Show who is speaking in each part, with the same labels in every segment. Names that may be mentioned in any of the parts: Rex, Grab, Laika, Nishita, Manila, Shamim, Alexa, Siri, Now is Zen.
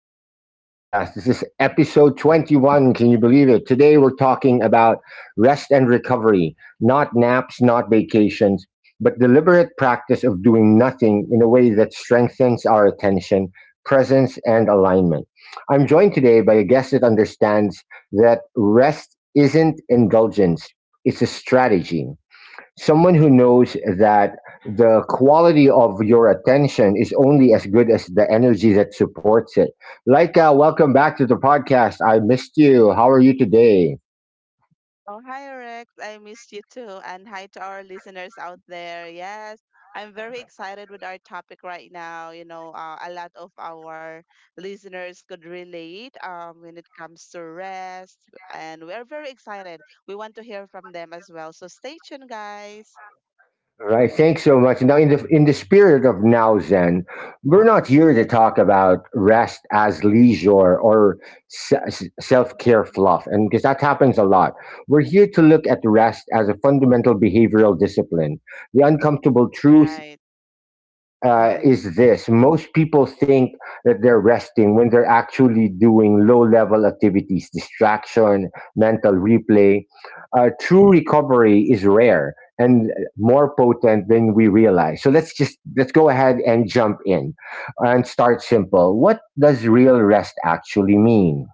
Speaker 1: Now is Zen podcast. This is episode 21. Can you believe it? Today we're talking about rest and recovery, not naps, not vacations, but deliberate practice of doing nothing in a way that strengthens our attention, presence, and alignment. I'm joined today by a guest that understands that rest isn't indulgence, it's a strategy, someone who knows that the quality of your attention is only as good as the energy that supports it. Laika, welcome back to the podcast. I missed you. How are you today?
Speaker 2: Oh, hi, Rex. I missed you too. And hi to our listeners out there. Yes, I'm very excited with our topic right now. A lot of our listeners could relate when it comes to rest, and we're very excited. We want to hear from them as well. So stay tuned, guys.
Speaker 1: All right, thanks so much. Now, in the spirit of now Zen, we're not here to talk about rest as leisure or self care fluff, and because that happens a lot. We're here to look at rest as a fundamental behavioral discipline. The uncomfortable truth
Speaker 2: Right. Mm-hmm.
Speaker 1: is this: most people think that they're resting when they're actually doing low level activities, distraction, mental replay. True recovery is rare and more potent than we realize. So let's go ahead and jump in and start simple. What does real rest actually mean?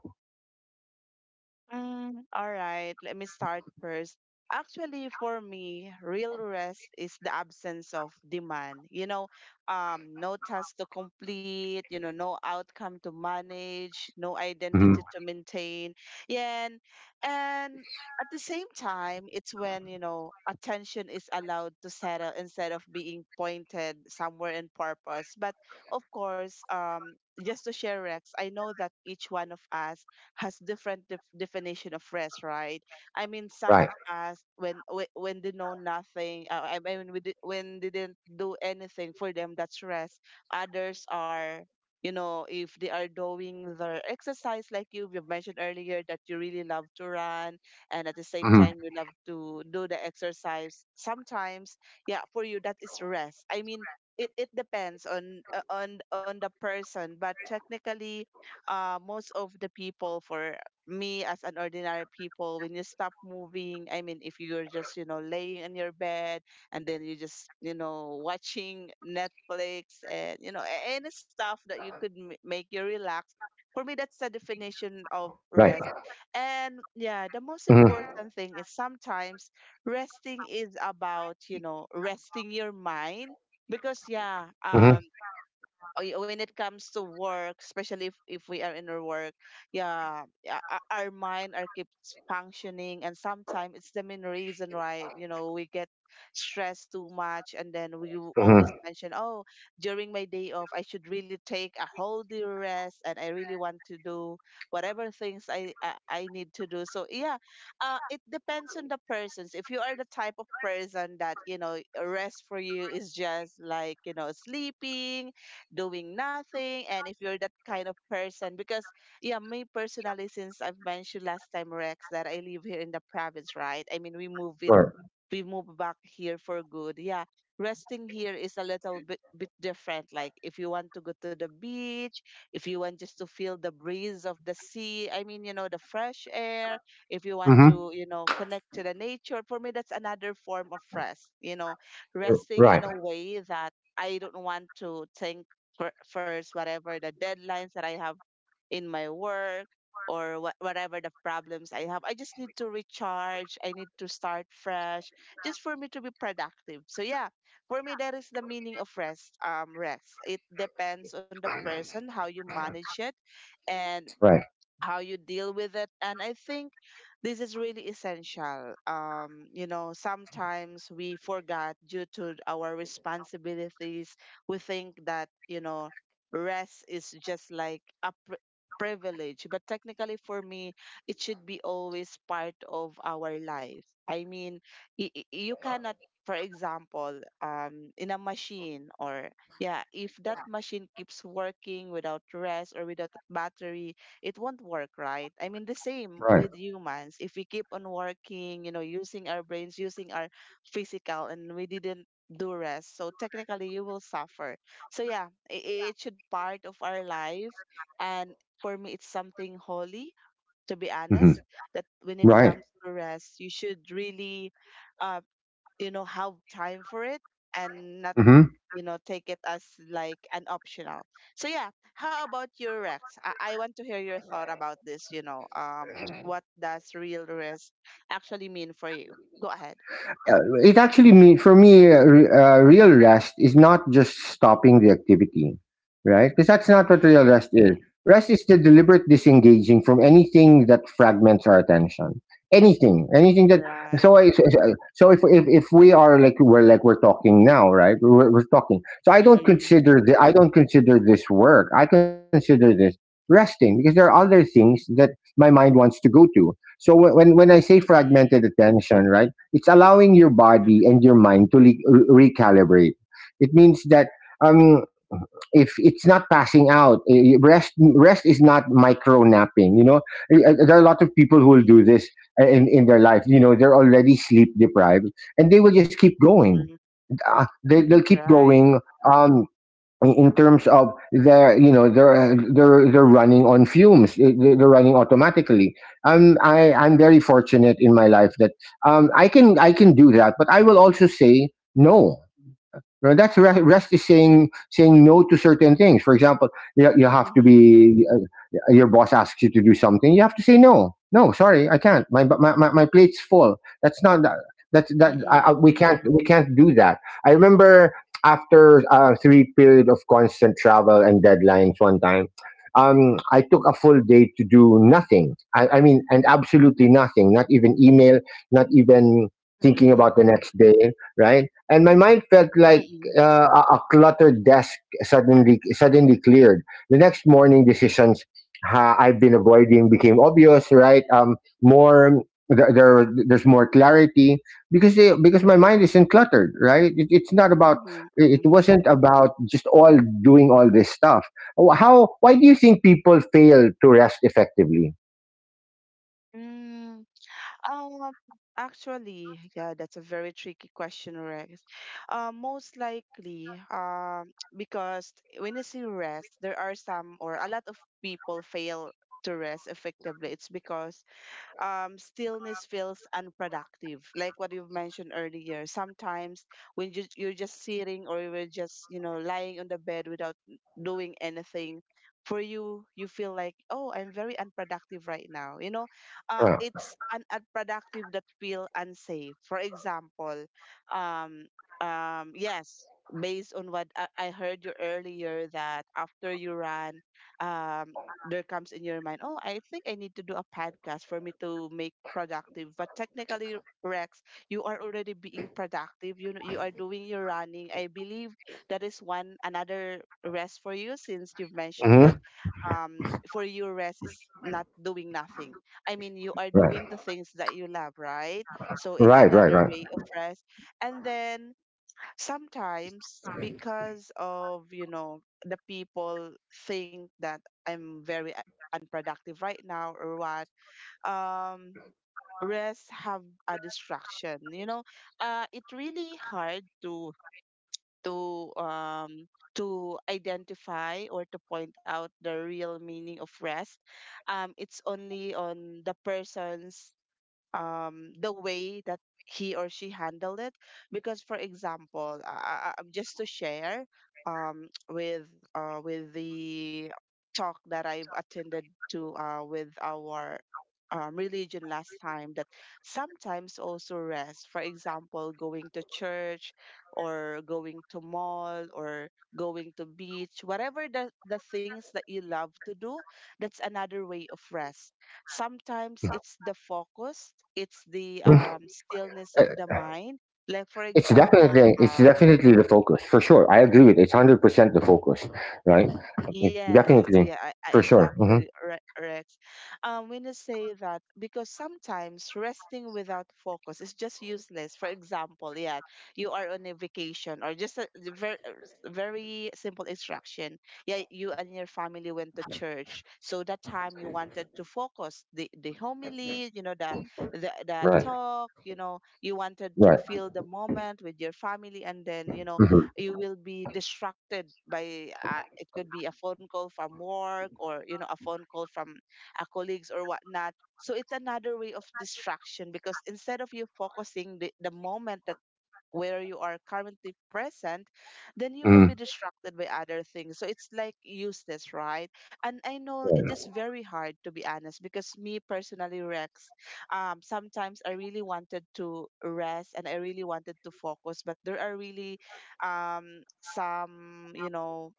Speaker 2: Mm, all right, let me start first. Actually, for me, real rest is the absence of demand. No task to complete, you know, no outcome to manage, no
Speaker 1: Hmm
Speaker 2: identity to maintain. Yeah, and at the same time, it's when, you know, attention is allowed to settle instead of being pointed somewhere in purpose. But of course, just to share, Rex, I know that each one of us has different definition of rest, right? I mean, some
Speaker 1: Right.
Speaker 2: of us when when they know nothing, I mean, when they didn't do anything for them, that's rest. Others are, you know, if they are doing their exercise, like you mentioned earlier, that you really love to run, and at the same
Speaker 1: hmm
Speaker 2: time you love to do the exercise. Sometimes, yeah, for you that is rest. I mean, it depends on on the person, but technically, most of the people for me as an ordinary people, when you stop moving, I mean, if you're just, you know, laying on your bed, and then you just, you know, watching Netflix, and you know any stuff that you could make you relax, for me that's the
Speaker 1: Right.
Speaker 2: definition of rest. And yeah,
Speaker 1: hmm
Speaker 2: the most important thing is sometimes resting is about, you know, resting your mind, because
Speaker 1: hmm
Speaker 2: when it comes to work, especially if we are in our work, yeah, yeah, our mind are keeps functioning, and sometimes it's the main reason why, you know, we get stressed too much, and then we will always
Speaker 1: hmm
Speaker 2: mention, oh, during my day off, I should really take a whole day rest, and I really want to do whatever things I need to do. So yeah, it depends on the persons. If you are the type of person that, you know, rest for you is just like, you know, sleeping, doing nothing, and if you're that kind of person, because yeah, me personally, since I've mentioned last time, Rex, that I live here in the province, right, I mean,
Speaker 1: Right.
Speaker 2: we move back here for good. Yeah, resting here is a little bit different. Like if you want to go to the beach, if you want just to feel the breeze of the sea, I mean, you know, the fresh air, if you want
Speaker 1: hmm
Speaker 2: to, you know, connect to the nature, for me, that's another form of rest, you know, resting
Speaker 1: Right.
Speaker 2: in a way that I don't want to think first, whatever the deadlines that I have in my work, or whatever the problems I have. I just need to recharge. I need to start fresh just for me to be productive. So yeah, for me that is the meaning of rest. Rest. It depends on the person how you manage it and
Speaker 1: Right.
Speaker 2: how you deal with it, and I think this is really essential. You know, sometimes we forgot, due to our responsibilities, we think that, you know, rest is just like a privilege, but technically for me, it should be always part of our life. I mean, you cannot, for example, in a machine, or yeah, if that machine keeps working without rest or without battery, it won't work, right? I mean, the same
Speaker 1: Right.
Speaker 2: with humans. If we keep on working, you know, using our brains, using our physical, and we didn't do rest, so technically you will suffer. So yeah, it should part of our life, and for me, it's something holy. To be
Speaker 1: hmm
Speaker 2: honest, that when it
Speaker 1: Right.
Speaker 2: comes to rest, you should really, uh, you know, have time for it, and not,
Speaker 1: Mm-hmm.
Speaker 2: you know, take it as like an optional. So yeah, how about your, Rex? I want to hear your thought about this. What does real risk actually mean for you? Go ahead.
Speaker 1: uh, it actually mean for me re- Real rest is not just stopping the activity, right? Because that's not what real rest is.
Speaker 2: Mm-hmm.
Speaker 1: Rest is the deliberate disengaging from anything that fragments our attention, anything that—
Speaker 2: Right.
Speaker 1: so I, so so so if, if we are like we're talking now, right? We're talking, so I don't
Speaker 2: Mm-mm.
Speaker 1: consider the I don't consider this work. I consider this resting, because there are other things that my mind wants to go to. So when when I say
Speaker 2: Mm-mm.
Speaker 1: fragmented attention, right, it's allowing your body and your mind to recalibrate. It means that um, if it's not passing out, rest is not micro napping. You know, there are a lot of people who will do
Speaker 2: Mm-mm.
Speaker 1: this in their life. You know, they're already sleep deprived, and they will just keep going.
Speaker 2: Mm-mm.
Speaker 1: They'll keep
Speaker 2: Right.
Speaker 1: going. Um, in terms of their, you know, they're running on fumes. They're running automatically. I, I'm very fortunate in my life that I can, I can do that, but I will also say no. You know, that's rest is saying no to certain things. For example, you have to
Speaker 2: Mm-hmm.
Speaker 1: be— your boss asks you to do something, you have to say no. No, sorry, I can't. My plate's full. That's not that. That's that.
Speaker 2: Mm-mm.
Speaker 1: We can't, we can't do that. I remember, after three period of constant travel and deadlines one time, I took a full day to do nothing. I mean, and absolutely nothing. Not even email. Not even thinking
Speaker 2: Mm-mm.
Speaker 1: about the next day. Right. And my mind felt like
Speaker 2: Mm-mm.
Speaker 1: a cluttered desk suddenly cleared. The next morning, decisions I've been avoiding became obvious, right? More There, there's more clarity because because my mind isn't cluttered, right? It's not about— it
Speaker 2: Mm-hmm.
Speaker 1: wasn't about just all doing all this stuff. How— why do you think people fail to rest effectively?
Speaker 2: Mm-hmm. Um, Actually, yeah, that's a very tricky question, Rex. Most likely, because when you say rest, there are some or a lot of people fail to rest effectively. It's because stillness feels unproductive. Like what you've mentioned earlier, sometimes when you're just sitting or you're just, you know, lying on the bed without doing anything, for you, you feel like, oh, I'm very unproductive right now. You know,
Speaker 1: Uh,
Speaker 2: it's an unproductive that feel unsafe. For example, um, yes, based on what I heard you earlier that after you run, um, there comes in your mind, oh, I think I need to do a podcast for me to make productive. But technically, Rex, you are already being productive. You know, you are doing your running. I believe that is one another rest for you, since you've mentioned that
Speaker 1: mhm,
Speaker 2: for you rest is not doing nothing. I mean, you are
Speaker 1: Right,
Speaker 2: doing the things that you love, right? So it's another
Speaker 1: right.
Speaker 2: way of rest. And then sometimes because of, you know, the people think that I'm very unproductive right now, or what. um Rest have a distraction, you know. It really hard to to um identify or to point out the real meaning of rest. It's only on the person's, the way that he or she handled it. Because, for example, just to share, um, with with the talk that I've attended to, with our religion last time, that sometimes also rest. For example, going to church, or going to mall, or going to beach, whatever the things that you love to do, that's another way of rest. Sometimes it's the focus, it's the
Speaker 1: Mm.
Speaker 2: stillness of
Speaker 1: Uh,
Speaker 2: the mind. Like for
Speaker 1: it's
Speaker 2: example,
Speaker 1: definitely the focus, for sure. I agree with it. It's 100% the focus, right? Mm-hmm.
Speaker 2: yes, yeah,
Speaker 1: Definitely,
Speaker 2: I
Speaker 1: for sure. Hmm.
Speaker 2: exactly, Rex. When you say that, because sometimes resting without focus is just useless. For example, yeah, you are on a vacation or just a very, very simple instruction. Yeah, you and your family went to church, so that time you wanted to focus the homily, you know, the the
Speaker 1: Right,
Speaker 2: talk, you know, you wanted to
Speaker 1: right.
Speaker 2: feel the moment with your family, and then you know you will be distracted by it could be a phone call from work, or you know, a phone call from colleagues or whatnot, so it's another way of distraction, because instead of you focusing the moment that where you are currently present, then you will
Speaker 1: Hmm.
Speaker 2: be distracted by other things. So it's like useless, right? And I know it is very hard, to be honest, because me personally, Rex, sometimes I really wanted to rest and I really wanted to focus, but there are really some, you know,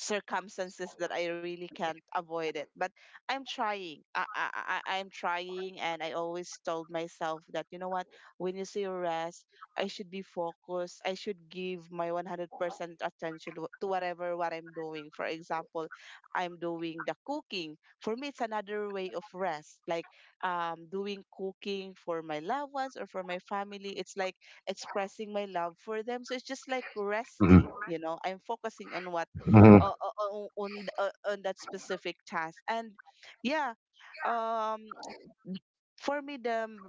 Speaker 2: circumstances that I really can't avoid it. But I'm trying. I'm trying, and I always told myself that, you know what, when you say rest, I should be focused. I should give my 100% attention to whatever what I'm doing. For example, I'm doing the cooking. For me, it's another way of rest, like doing cooking for my loved ones or for my family. It's like expressing my love for them. So it's just like
Speaker 1: Mhm,
Speaker 2: resting, you know, I'm focusing on what
Speaker 1: mhm.
Speaker 2: on that specific task, and yeah. um for me, the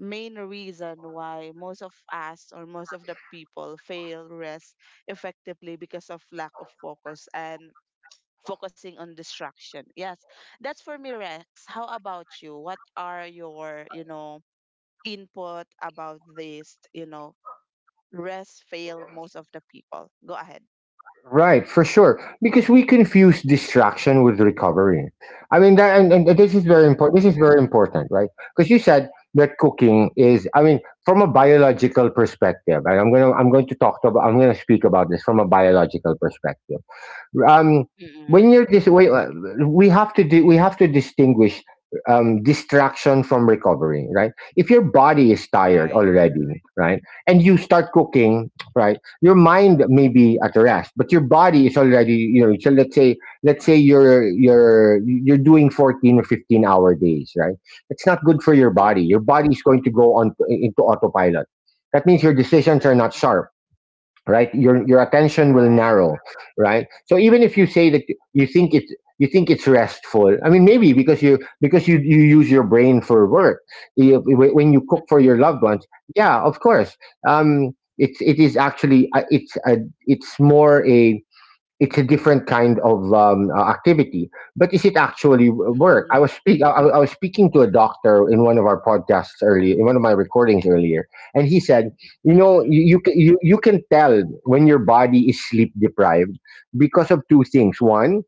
Speaker 2: main reason why most of us or most of the people fail rest effectively, because of lack of focus and focusing on distraction, yes. That's for me, Rex. How about you? What are your, you know, input about this, you know, rest fail most of the people? Go ahead.
Speaker 1: Right, for sure. Because we confuse distraction with recovery. I mean, that, and this is very
Speaker 2: Mm-mm,
Speaker 1: important. This is very important, right? Because you said that cooking is— I mean, from a biological perspective— and I'm going to I'm gonna speak about this from a biological perspective. Um, when
Speaker 2: mm-mm,
Speaker 1: you're wait, we have to do— we have to distinguish distraction from recovery, right? If your body is tired
Speaker 2: right.
Speaker 1: already, right, and you start cooking, right, your mind may be at rest, but your body is already, you know— so let's say you're doing 14 or 15-hour days, right? It's not good for your
Speaker 2: Mm.
Speaker 1: body. Your body is going to go on into autopilot. That means your decisions are not
Speaker 2: Mm-mm.
Speaker 1: sharp, right? Your attention will
Speaker 2: Right.
Speaker 1: narrow, right? So even if you
Speaker 2: Mm-mm.
Speaker 1: say that you think it's you think it's restful, I mean, maybe because you use your brain for work. You- when you cook for your
Speaker 2: Mm.
Speaker 1: loved ones, yeah, of course, um it's it is actually, it's more a— it's a different kind of activity. But is it actually work?
Speaker 2: Mm-mm.
Speaker 1: I was speaking to a doctor in one of our podcasts earlier, in one of my recordings earlier, and he said, you know,
Speaker 2: Mm-mm.
Speaker 1: you, you can tell when your body is sleep deprived because of two things. One: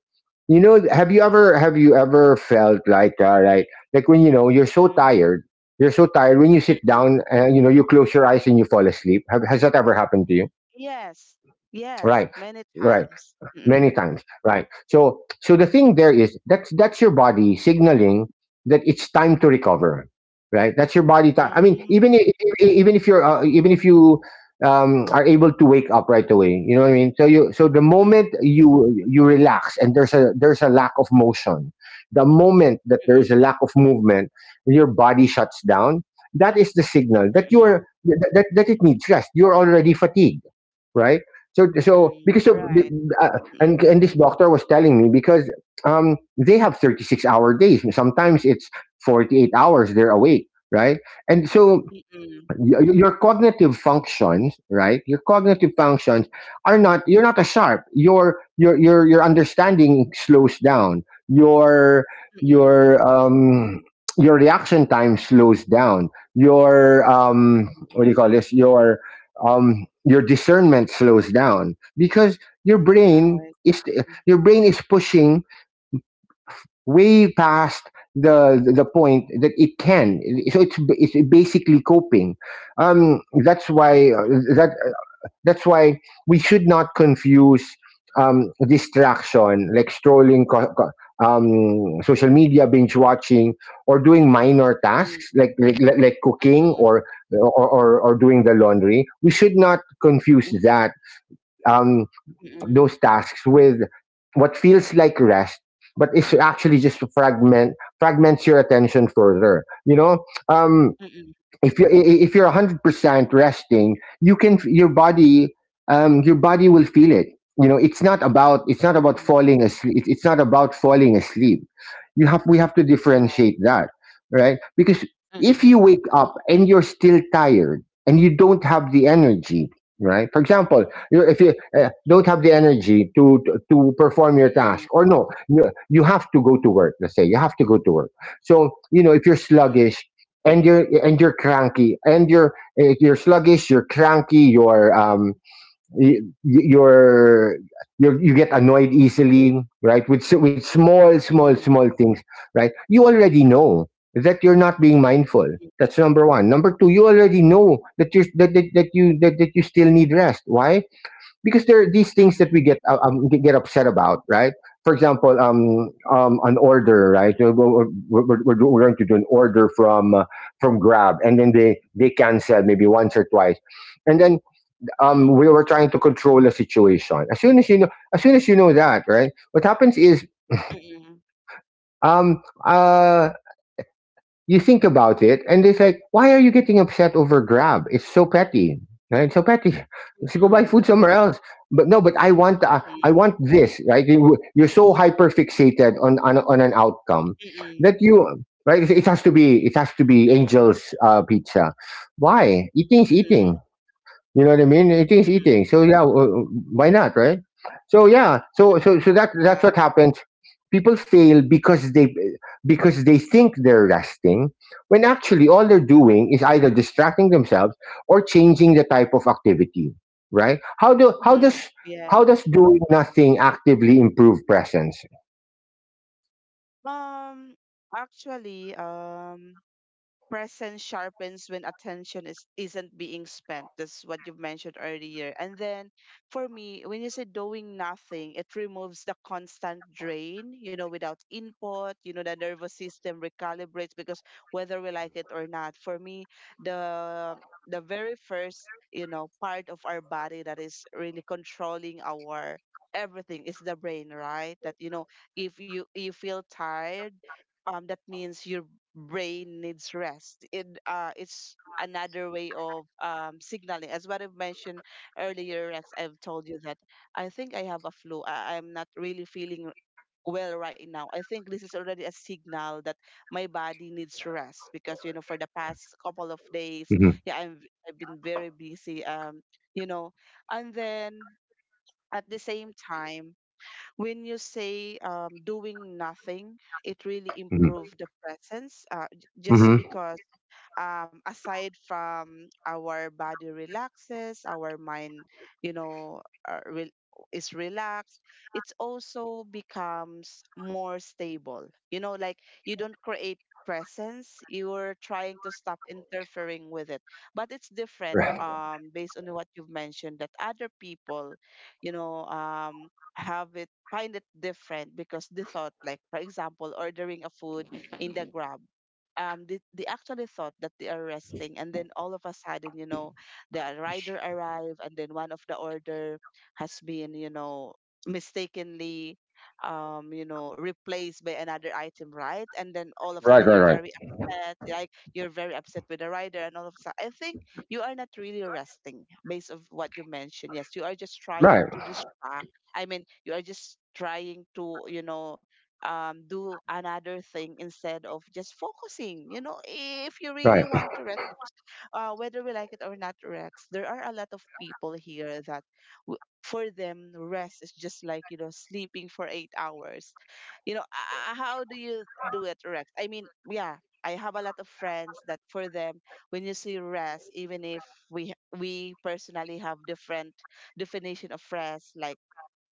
Speaker 1: you know, have you ever felt like when you know you're so
Speaker 2: Mm-mm.
Speaker 1: tired, you're so tired, when you sit
Speaker 2: Mm-mm.
Speaker 1: down and you know you close your eyes and you fall asleep. Has that ever happened to you?
Speaker 2: Yes. Yes.
Speaker 1: Right,
Speaker 2: Many
Speaker 1: right,
Speaker 2: times.
Speaker 1: many
Speaker 2: Mm-mm.
Speaker 1: times, right? So so the thing there is, that's your body signaling that it's time to recover, right? That's your body— time. I mean,
Speaker 2: Mm.
Speaker 1: even if you're, even if you are able to wake up right away, you know what I mean. So you— so the
Speaker 2: Mm-mm.
Speaker 1: moment you relax and there's a— there's a lack of motion, the moment that there's a
Speaker 2: Mm-hmm.
Speaker 1: lack of movement, your body shuts down. That is the signal
Speaker 2: Mm-hmm.
Speaker 1: that
Speaker 2: Mm-mm.
Speaker 1: it needs rest. You're already fatigued, right? So
Speaker 2: Mm-mm.
Speaker 1: so
Speaker 2: Mm-mm.
Speaker 1: because,
Speaker 2: Right. Mm-mm.
Speaker 1: and this doctor was telling me, because they have 36-hour days. Sometimes it's 48 hours they're awake, right? And so your cognitive functions, right? Your cognitive functions are not— you're not as sharp. Your understanding slows down. Your your
Speaker 2: Mm-mm.
Speaker 1: um your reaction time slows down. Your
Speaker 2: Mm-mm.
Speaker 1: what do you call this, your discernment slows down, because your brain
Speaker 2: Right.
Speaker 1: is— your brain is pushing way past the point that it can. So it's basically coping. That's why
Speaker 2: Mm-mm.
Speaker 1: that that's why we should not confuse distraction, like strolling social media, binge watching or doing minor
Speaker 2: Mm-mm.
Speaker 1: tasks
Speaker 2: Mm-mm.
Speaker 1: like, like
Speaker 2: Mm-mm.
Speaker 1: cooking, or or doing the laundry. We should not confuse that— Um,
Speaker 2: Mm-mm.
Speaker 1: those tasks with what feels like rest, but it's actually just to fragment— fragments your attention further, you know. um
Speaker 2: Mm-mm.
Speaker 1: if you're, if you're 100% resting, your body, your body will feel it. You know, it's not about, it's not about
Speaker 2: Mm-mm.
Speaker 1: falling asleep. It's not about falling asleep. You have We have to
Speaker 2: Right.
Speaker 1: differentiate that, right? Because if
Speaker 2: Mm-mm.
Speaker 1: you wake up and you're still tired and you don't have the energy, right? For example, you— if you don't have the energy to perform your
Speaker 2: Mm-mm.
Speaker 1: task— or no, you have to go to work. Let's say you have to go to work. So you know, if you're
Speaker 2: Mm-mm.
Speaker 1: sluggish, and you're, and you're cranky and you're, you're sluggish, you're cranky, you're y- y- you're you you get annoyed easily, right? With with
Speaker 2: Mm-mm.
Speaker 1: small things, right? You already know that you're not being mindful. That's number 1. Number 2: you already know that you, that you still need rest. Why? Because there are these things that we
Speaker 2: Mm-mm.
Speaker 1: get get upset about, right? For example, an order, right? So, we're we're going to do an order from Grab, and then they cancel, maybe once or twice, and then
Speaker 2: Mm-mm.
Speaker 1: we were trying to control a situation. As soon as you know, as soon as you know that, right? What happens is,
Speaker 2: Mm-mm.
Speaker 1: um, uh, you think about it and it's like, why are you getting upset over Grab? It's so petty, right? So petty. Let's go buy
Speaker 2: Mm-mm.
Speaker 1: food somewhere else. But no, but I want— I want this, right? You're so hyper fixated on, on an outcome
Speaker 2: Mm-mm.
Speaker 1: that you— right, it has to be, it has to be Angel's Pizza. Why? Eating is
Speaker 2: Mm-mm. Mm-mm.
Speaker 1: eating, you know what I mean? It is eating. So yeah, why not, right? So yeah,
Speaker 2: Mm-mm.
Speaker 1: so that, that's
Speaker 2: Yeah.
Speaker 1: what happens. People fail because they— because they think they're resting, when actually all they're doing is either distracting themselves or changing the type of activity. Right? How
Speaker 2: Mhm.
Speaker 1: does—
Speaker 2: Yes.
Speaker 1: how does doing nothing actively improve presence?
Speaker 2: Um, actually, um, Presence sharpens when attention is isn't being spent, that's what you've mentioned earlier, and then for me when you say doing nothing, it removes the constant drain, you know, without input, you know, the nervous system recalibrates, because whether we like it or not, for me, the very first, you know, part of our body that is really controlling our everything is the brain, right, that, you know, if you you feel tired, that means your brain needs rest. It's another way of signaling. As what I've mentioned earlier, Rex, I've told you that I think I have a flu. I'm not really feeling well right now. I think this is already a signal that my body needs rest because you know for the past couple of days,
Speaker 1: Hmm.
Speaker 2: yeah, I've been very busy. You know, and then at the same time when you say doing nothing, it really
Speaker 1: hmm
Speaker 2: improved the presence just
Speaker 1: hmm
Speaker 2: because aside from our body relaxes, our mind, you know, uh, re- is relaxed, it's also becomes more stable. You know, like you don't create presence, you're trying to stop interfering with it. But it's different based on what you've mentioned that other people, you know, um, have it find it different because the thought like for example ordering a food in the grab they actually thought that they are resting and then all of a sudden you know the rider arrived and then one of the order has been you know mistakenly replaced by another item, right? And then all of a
Speaker 1: Right,
Speaker 2: sudden you're
Speaker 1: right.
Speaker 2: very upset, like you're very upset with the rider. And all of a sudden I think you are not really resting. Based of what you mentioned, yes, you are just trying
Speaker 1: Right,
Speaker 2: to distract. I mean, you are just trying to do another thing instead of just focusing. You know, if you really
Speaker 1: right,
Speaker 2: want to, Rex, whether we like it or not, Rex, there are a lot of people here that for them, rest is just like, you know, sleeping for 8 hours. You know, how do you do it, Rex? I mean, yeah. I have a lot of friends that for them, when you see rest, even if we personally have different definition of rest, like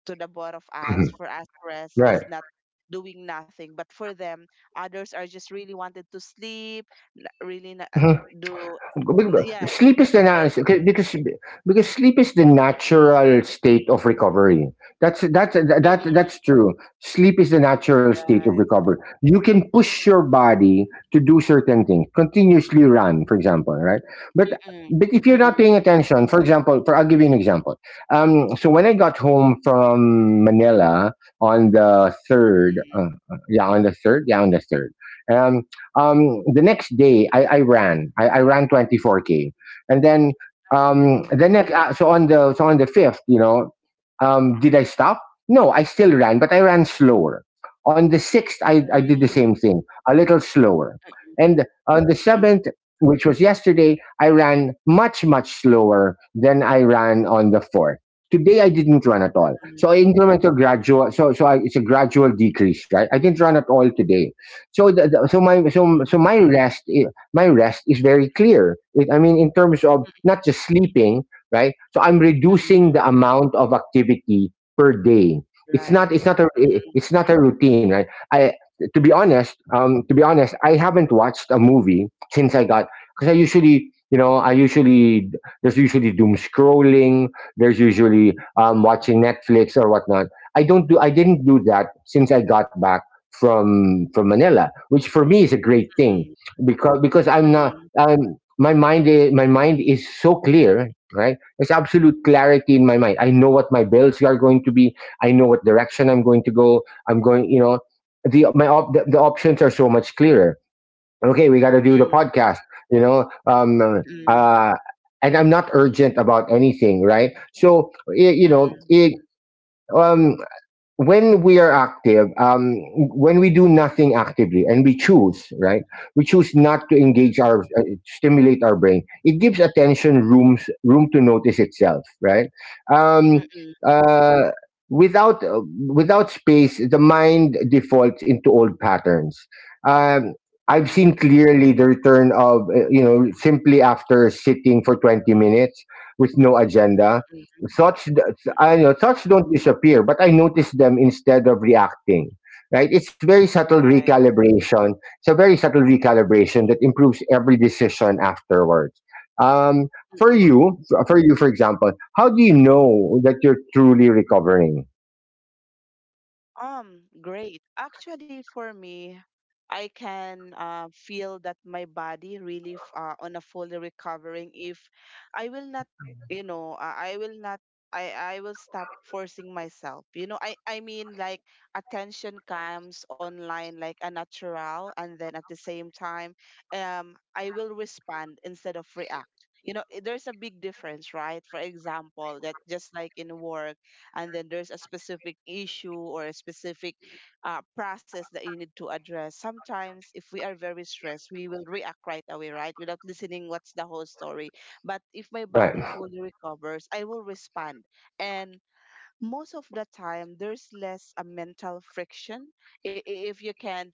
Speaker 2: to the both of us,
Speaker 1: mhm,
Speaker 2: for us rest
Speaker 1: right.
Speaker 2: is not doing nothing. But for them, others are just really wanted to sleep, really not do, yeah, they
Speaker 1: Sleep
Speaker 2: not
Speaker 1: is the
Speaker 2: do
Speaker 1: na-
Speaker 2: anything.
Speaker 1: Because sleep is the natural state of recovery. That's that's that
Speaker 2: Mm-mm,
Speaker 1: that's true. Sleep is the natural state
Speaker 2: right.
Speaker 1: of recovery. You can push your body to do certain things. Continuously run, for example, right? But
Speaker 2: Mm-mm,
Speaker 1: but if you're
Speaker 2: mm-mm,
Speaker 1: not paying
Speaker 2: mm-mm,
Speaker 1: attention, for I'll give you an example. So when I got home from Manila on the third, on the third. um. The next day, I ran. I ran 24K, and then
Speaker 2: mm-mm,
Speaker 1: the next. So on the fifth, did I stop? No, I still ran, but I ran slower. On the sixth, I did the
Speaker 2: mm-mm,
Speaker 1: same thing, a little slower. And on the seventh, which was yesterday, I ran much, much slower than I ran on the fourth. Today I didn't run at all. So I incremental gradual so so I, it's a gradual decrease, right? I didn't run at all today, so the- so my so
Speaker 2: mm-mm,
Speaker 1: so my rest I- my rest is very clear. I mean, in terms of not just sleeping, right? So I'm
Speaker 2: mm-mm,
Speaker 1: reducing the amount of activity per day. it's
Speaker 2: right.
Speaker 1: not it's not a
Speaker 2: Mm-mm,
Speaker 1: it's not a routine, right? I to be honest um to be honest, I haven't watched a movie since I got, because I
Speaker 2: mm-mm,
Speaker 1: usually, you know I usually there's usually doom scrolling, there's usually
Speaker 2: mm-mm,
Speaker 1: watching Netflix or whatnot. I didn't do that since I got back from Manila, which for me is a great thing. Because I'm
Speaker 2: mm-mm,
Speaker 1: not
Speaker 2: mm-mm,
Speaker 1: my mind is, my mind is so clear, right? There's absolute clarity in my mind. I know what my bills are going to be. I know what direction I'm going to go. I'm going, you know, the my op- the options are so much clearer. Okay, we got to do
Speaker 2: mm-mm,
Speaker 1: the
Speaker 2: mm-mm,
Speaker 1: podcast, you know. And I'm not urgent about anything, right? So, y- you
Speaker 2: mm-mm, mm-mm,
Speaker 1: know,
Speaker 2: mm-mm,
Speaker 1: it um when we are active, when we do nothing actively and we choose, right? We choose not to engage our, stimulate our brain. It gives attention rooms, room to notice itself, right? Um, uh, Without, without space, the mind defaults into old patterns. Um, I've seen
Speaker 2: mm-mm,
Speaker 1: clearly the return of, you know, simply after sitting for 20 minutes with no agenda thoughts. I know
Speaker 2: mm-mm,
Speaker 1: thoughts don't disappear, but I notice them instead of reacting. Right? It's very subtle recalibration. It's a very subtle recalibration that improves every decision afterwards. Um, for
Speaker 2: right.
Speaker 1: you, for you, for example, how do you know that you're truly recovering?
Speaker 2: Great. Actually, for me, I can feel that my body really on a fully recovering if I will not, I will not, I will stop forcing myself. You know, I mean, like attention comes online like a natural, and then at the same time, I will respond instead of react. You know, there's a big difference, right? For example, that just like in work and then there's a specific issue or a specific process that you need to address. Sometimes if we are very stressed we will react right away, right, without listening what's the whole story. But if my body
Speaker 1: Right.
Speaker 2: fully recovers I will respond, and most of the time there's less a mental friction. If you can,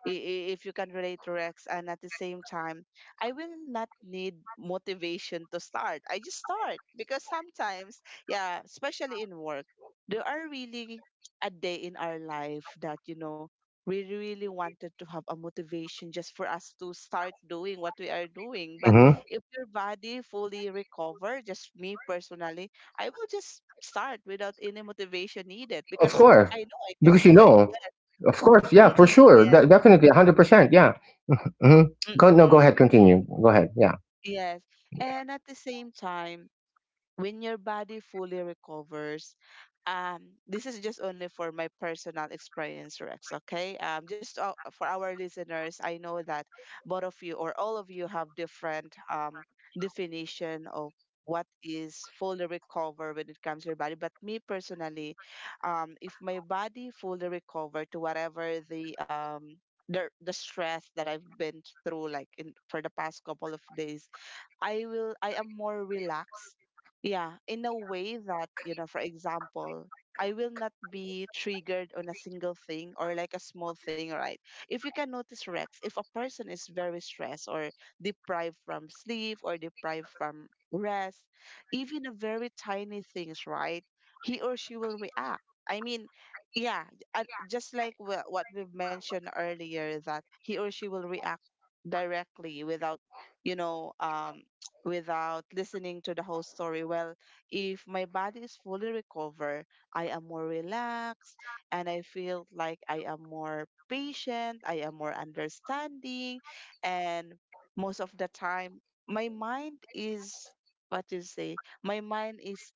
Speaker 2: if you can relate to Rex, and at the same time I will not need motivation to start, I just start, because sometimes, yeah, especially in work there are really a day in our life that you know we really wanted to have a motivation just for us to start doing what we are doing. But
Speaker 1: Hmm.
Speaker 2: if your body fully recover, just me personally, I will just start without any motivation needed,
Speaker 1: Of
Speaker 2: because
Speaker 1: course,
Speaker 2: I know I can
Speaker 1: because you
Speaker 2: do it.
Speaker 1: know.
Speaker 2: Yes.
Speaker 1: Of course, yeah, for
Speaker 2: Mm-mm,
Speaker 1: sure,
Speaker 2: yes.
Speaker 1: Definitely, 100%, yeah. Hmm. Go, no, go
Speaker 2: Mm-mm,
Speaker 1: ahead, continue. Go ahead, yeah.
Speaker 2: yes. And at the same time, when your body fully recovers, this is just only for my personal experience, Rex, okay? Just for our listeners, I know that both of you or all of you have different definition of what is fully recover when it comes to your body. But me personally, if my body fully recover to whatever the stress that I've been through, like in for the past couple of days, I will, I am more relaxed. Yeah, in a way that, you know, for example, I will not be triggered on a single thing or like a small thing, right? If you can notice, Rex, if a person is very stressed or deprived from sleep or deprived from rest, even a very tiny things, right? He or she will react. I mean, yeah, just like what we've mentioned earlier, that he or she will react directly without you know um without listening to the whole story. Well, if my body is fully recovered, I am more relaxed, and I feel like I am more patient, I am more understanding, and most of the time, my mind is what you say, my mind is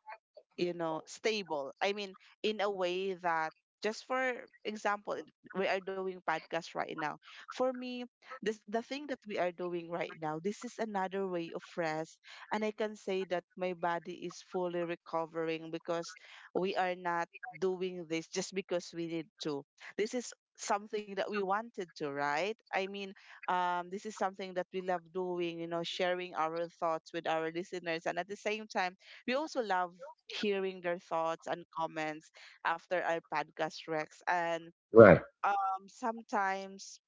Speaker 2: you know stable. I mean, in a way that just for example, we are doing podcast right now. For me, this the thing that we are doing right now, this is another way of rest, and I can say that my body is fully recovering, because we are not doing this just because we need to. This is something that we wanted to, right? I mean, this is something that we love doing, you know, sharing our thoughts with our listeners. And at the same time, we also love hearing their thoughts and comments after our podcast, Rex. And
Speaker 1: Right,
Speaker 2: sometimes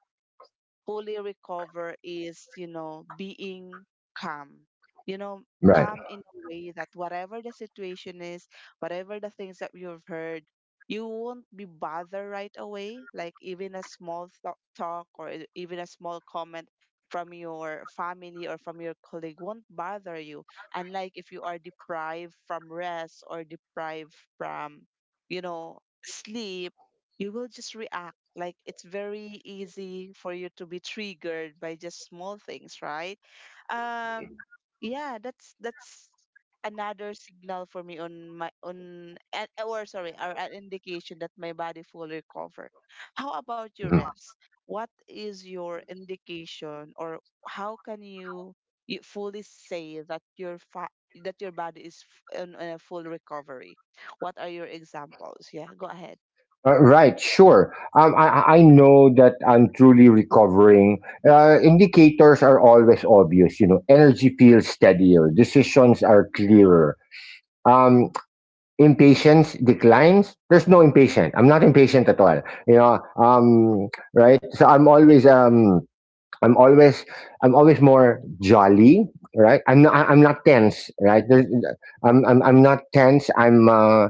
Speaker 2: fully recover is, you know, being calm. You know,
Speaker 1: right.
Speaker 2: calm in a way that whatever the situation is, whatever the things that you've heard, you won't be bothered right away. Like even a small talk or even a small comment from your family or from your colleague won't bother you. Unlike if you are deprived from rest or deprived from, you know, sleep, you will just react, like it's very easy for you to be triggered by just small things, right? Um, yeah, that's another signal for me on my on and or sorry, or an indication that my body fully recovered. How about your
Speaker 1: Mm-hmm.
Speaker 2: refs? What is your indication, or how can you, you fully say that your that your body is on a full recovery? What are your examples? Yeah, go ahead.
Speaker 1: Right, sure. I know that I'm truly recovering. Indicators are always obvious. You know, energy feels steadier, decisions are clearer. Um, Impatience declines. There's no impatient. I'm not impatient at all. You know, right? I'm always I'm always more jolly. Right? I'm not tense. Right? There's, I'm not tense. I'm uh,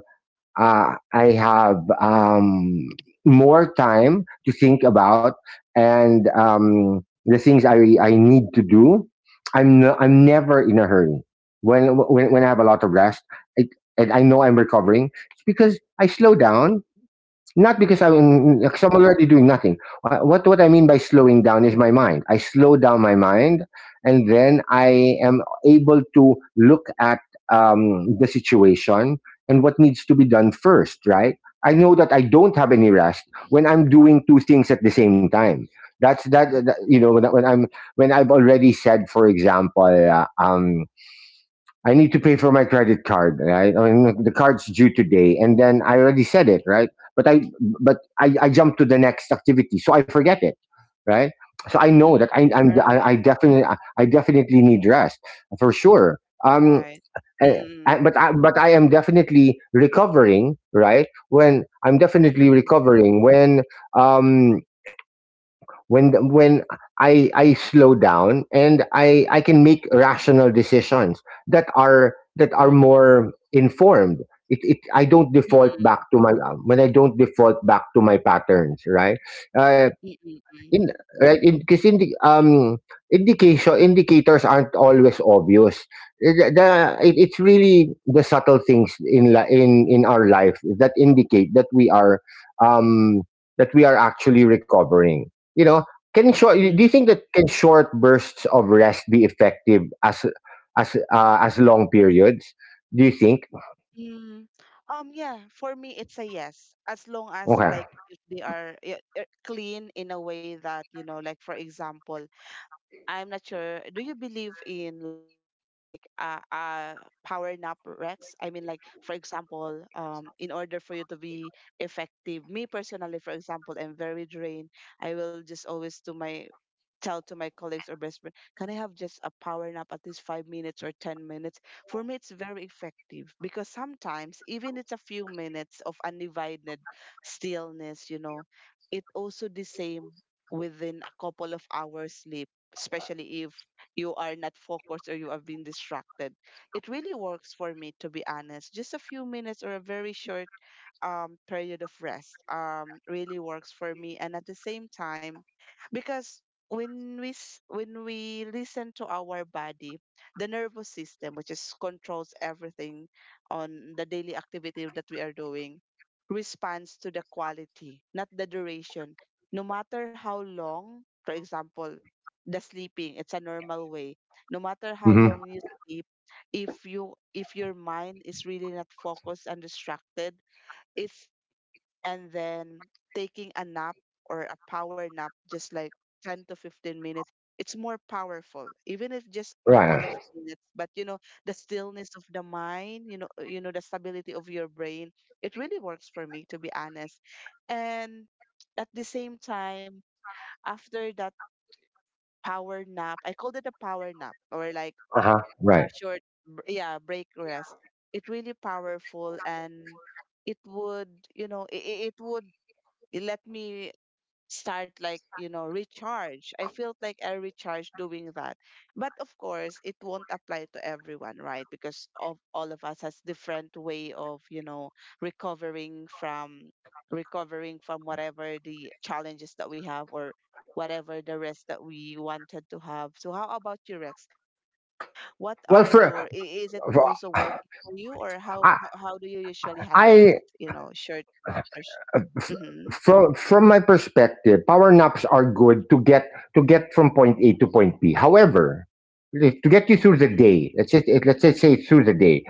Speaker 1: uh, I have more time to think about — and the things I need to do. I'm never in a hurry. When I have a lot of rest, it, and I know I'm recovering, it's because I slow down, not because
Speaker 2: Mhm.
Speaker 1: I'm already doing nothing. What I mean by slowing down is my mind. I slow down my mind, and then I am able to look at the situation and what needs to be done first. Right. I know that I don't have any rest when I'm doing two things at the same time. That's that, that You know, when I've already said, for example, I need to pay for my credit card, right? I mean, the card's due today, and then I already said it, right? But I, I jump to the next activity, so I forget it, right? So I
Speaker 2: Mm,
Speaker 1: know that
Speaker 2: mm, right,
Speaker 1: I definitely — I definitely need rest, for sure. Um,
Speaker 2: right.
Speaker 1: eh,
Speaker 2: Mm.
Speaker 1: but I am definitely recovering, right? When I'm definitely
Speaker 2: Mm.
Speaker 1: recovering um, when I slow down and I can make rational decisions that are
Speaker 2: Mm.
Speaker 1: more informed. It I don't default back
Speaker 2: Mm.
Speaker 1: to my when I don't default back to my patterns, right? Uh,
Speaker 2: Mm. Mm. Mm.
Speaker 1: in right, in because in the indication Indicators aren't always obvious. Eh, The, the it's really the subtle things in la, in our life that indicate um that we are actually recovering. You know, can short
Speaker 2: Mm. Mm, mm,
Speaker 1: do you
Speaker 2: mm,
Speaker 1: think that can short bursts of rest be effective as as long periods? Do you think?
Speaker 2: mm. Yeah, for me it's a yes. As long as
Speaker 1: Okay.
Speaker 2: like if they are yeah, clean in a way that, you know, like for example, I'm not sure, do you believe in like a power nap, Rex? I mean, like for example, in order for you to be effective, me personally for example, I'm very drained. I will just always do my tell to my colleagues or best friend, can I have just a power nap at least 5 minutes or 10 minutes? For me, it's very effective, because sometimes, even it's a few minutes of undivided stillness, you know, it also the same within a couple of hours sleep, especially if you are not focused or you have been distracted. It really works for me, to be honest. Just a few minutes or a very short period of rest really works for me. And at the same time, because when we s- when we listen to our body, the nervous system, which is controls everything on the daily activity that we are doing, responds to the quality, not the duration. No matter how long, for example, the sleeping, it's a normal way, no matter how
Speaker 1: Mhm.
Speaker 2: long you sleep, if you if your mind is really not focused and distracted, it's, and then taking a nap or a power nap, just like 10 to 15 minutes, it's more powerful, even if just couple
Speaker 1: Right.
Speaker 2: of minutes. But you know, the stillness of the mind, you know, the stability of your brain, it really works for me, to be honest. And at the same time, after that power nap, I called it a power nap or like
Speaker 1: Uh-huh. Right.
Speaker 2: a short, yeah, break rest. It really powerful, and it would, you know, it would let me start, like you know recharge. I felt like I recharge doing that. But of course it won't apply to everyone, right? Because of all of us has different way of you know recovering from recovering from whatever the challenges that we have or whatever the rest that we wanted to have. So how about you, Rex, what are your
Speaker 1: Well,
Speaker 2: is it also
Speaker 1: for
Speaker 2: working for you, or how
Speaker 1: I,
Speaker 2: how do you usually handle this,
Speaker 1: I
Speaker 2: you know, short or
Speaker 1: from my perspective, power naps are good to get from point A to point B. However, to get you through the
Speaker 2: mm-hmm.
Speaker 1: day, let's just say through the day,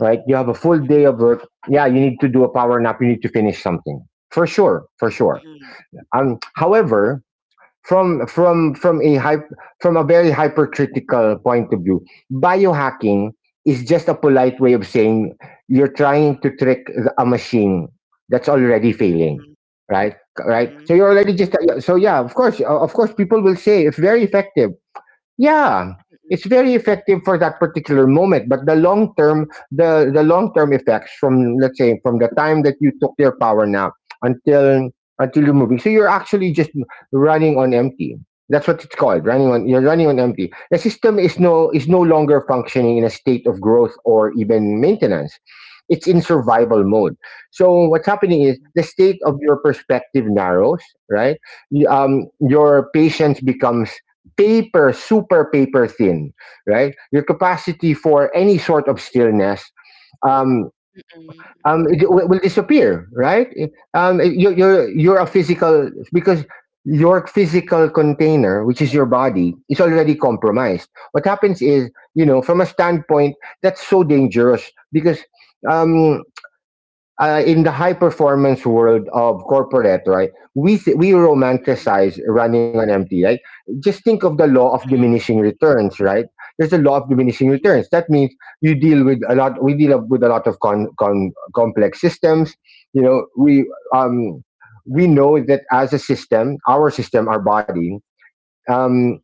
Speaker 1: right? You have a full day of work. Yeah, you need to do a power nap. You need to finish something for sure, for sure. However, from from from a hy- from a very hypercritical point of view, biohacking is just a polite way of saying you're trying to trick a machine that's already failing,
Speaker 2: Mm,
Speaker 1: right?
Speaker 2: mm,
Speaker 1: right so
Speaker 2: mm,
Speaker 1: you're already just so Yeah, of course, of course people will say it's very effective. Yeah, it's
Speaker 2: mm,
Speaker 1: very effective for that particular moment, but the long term, the long term effects, from let's say from the time that you took your power nap until you're moving, so you're actually just running on empty. That's what it's called, running on. You're running on empty. The system is no longer functioning in a state of growth or even maintenance. It's in survival mode. So what's happening is
Speaker 2: mm,
Speaker 1: the state of your perspective narrows, right? Your patience becomes paper, super paper thin, right? Your capacity for any sort of stillness um,
Speaker 2: mm,
Speaker 1: it will disappear, right? You're a physical, because your physical container, which is your body, is already compromised. What happens is, you know, from a standpoint, that's so dangerous because um, in the high performance world of corporate, right? We
Speaker 2: mm,
Speaker 1: romanticize running on empty, right? Just think of the law of diminishing returns, right? There's a law of diminishing
Speaker 2: mm,
Speaker 1: returns. That means you deal with a lot. We deal with a lot of con, con complex systems. You know, um we know that as a system, our body. Um,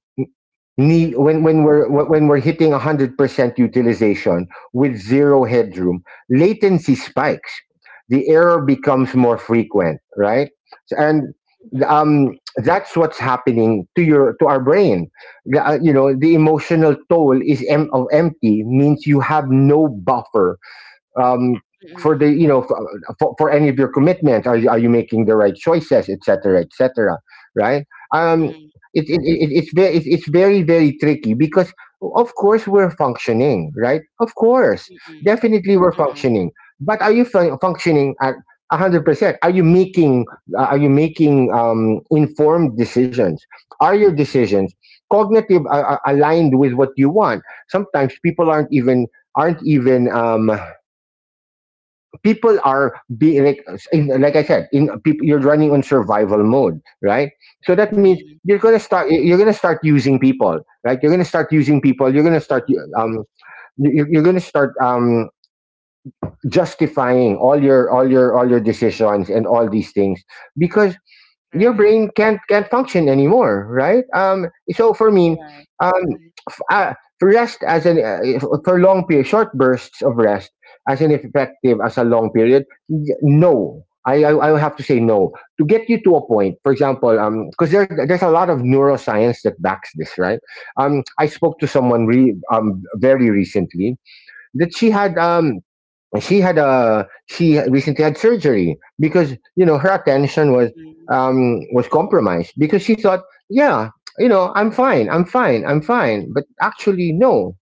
Speaker 2: mm,
Speaker 1: ne- when
Speaker 2: mm,
Speaker 1: when we're wh- when we're hitting 100% utilization with zero headroom, latency spikes, the error becomes more
Speaker 2: mm,
Speaker 1: frequent, right? So- and
Speaker 2: mm,
Speaker 1: That's what's happening to your to our brain. The, you know, the emotional toll of empty means you have no buffer um, for the, you know, for any of your commitments. Are you are you making the right choices, etc, etc, right? um it's very it's very, very tricky because of course we're functioning, right? Of course, definitely we're
Speaker 2: mm, mm,
Speaker 1: functioning, but are you functioning at 100%? Are you making are you making informed decisions? Are your decisions cognitive, aligned with what you want? Sometimes people aren't even aren't even um, people are being like — like I said, in people, you're running on survival mode, right? So that means
Speaker 2: mm,
Speaker 1: you're gonna start using people, right? You're gonna start using people. You're gonna start
Speaker 2: mm.
Speaker 1: um you're gonna start justifying all your all your all your decisions and all these things because your
Speaker 2: Right,
Speaker 1: brain can't function anymore, right? So for me,
Speaker 2: right.
Speaker 1: um,
Speaker 2: Mhm,
Speaker 1: f- uh, rest as an if- for long period, short bursts of rest as an effective as a long period. No, I would have to say no. To get you to a point, for example, because there, there's a lot of neuroscience that backs this, right? I spoke to someone very recently — that she had and she had a — she recently had surgery because, you know, her attention
Speaker 2: mhm.
Speaker 1: was compromised because she thought, yeah, you know, I'm fine, but actually no.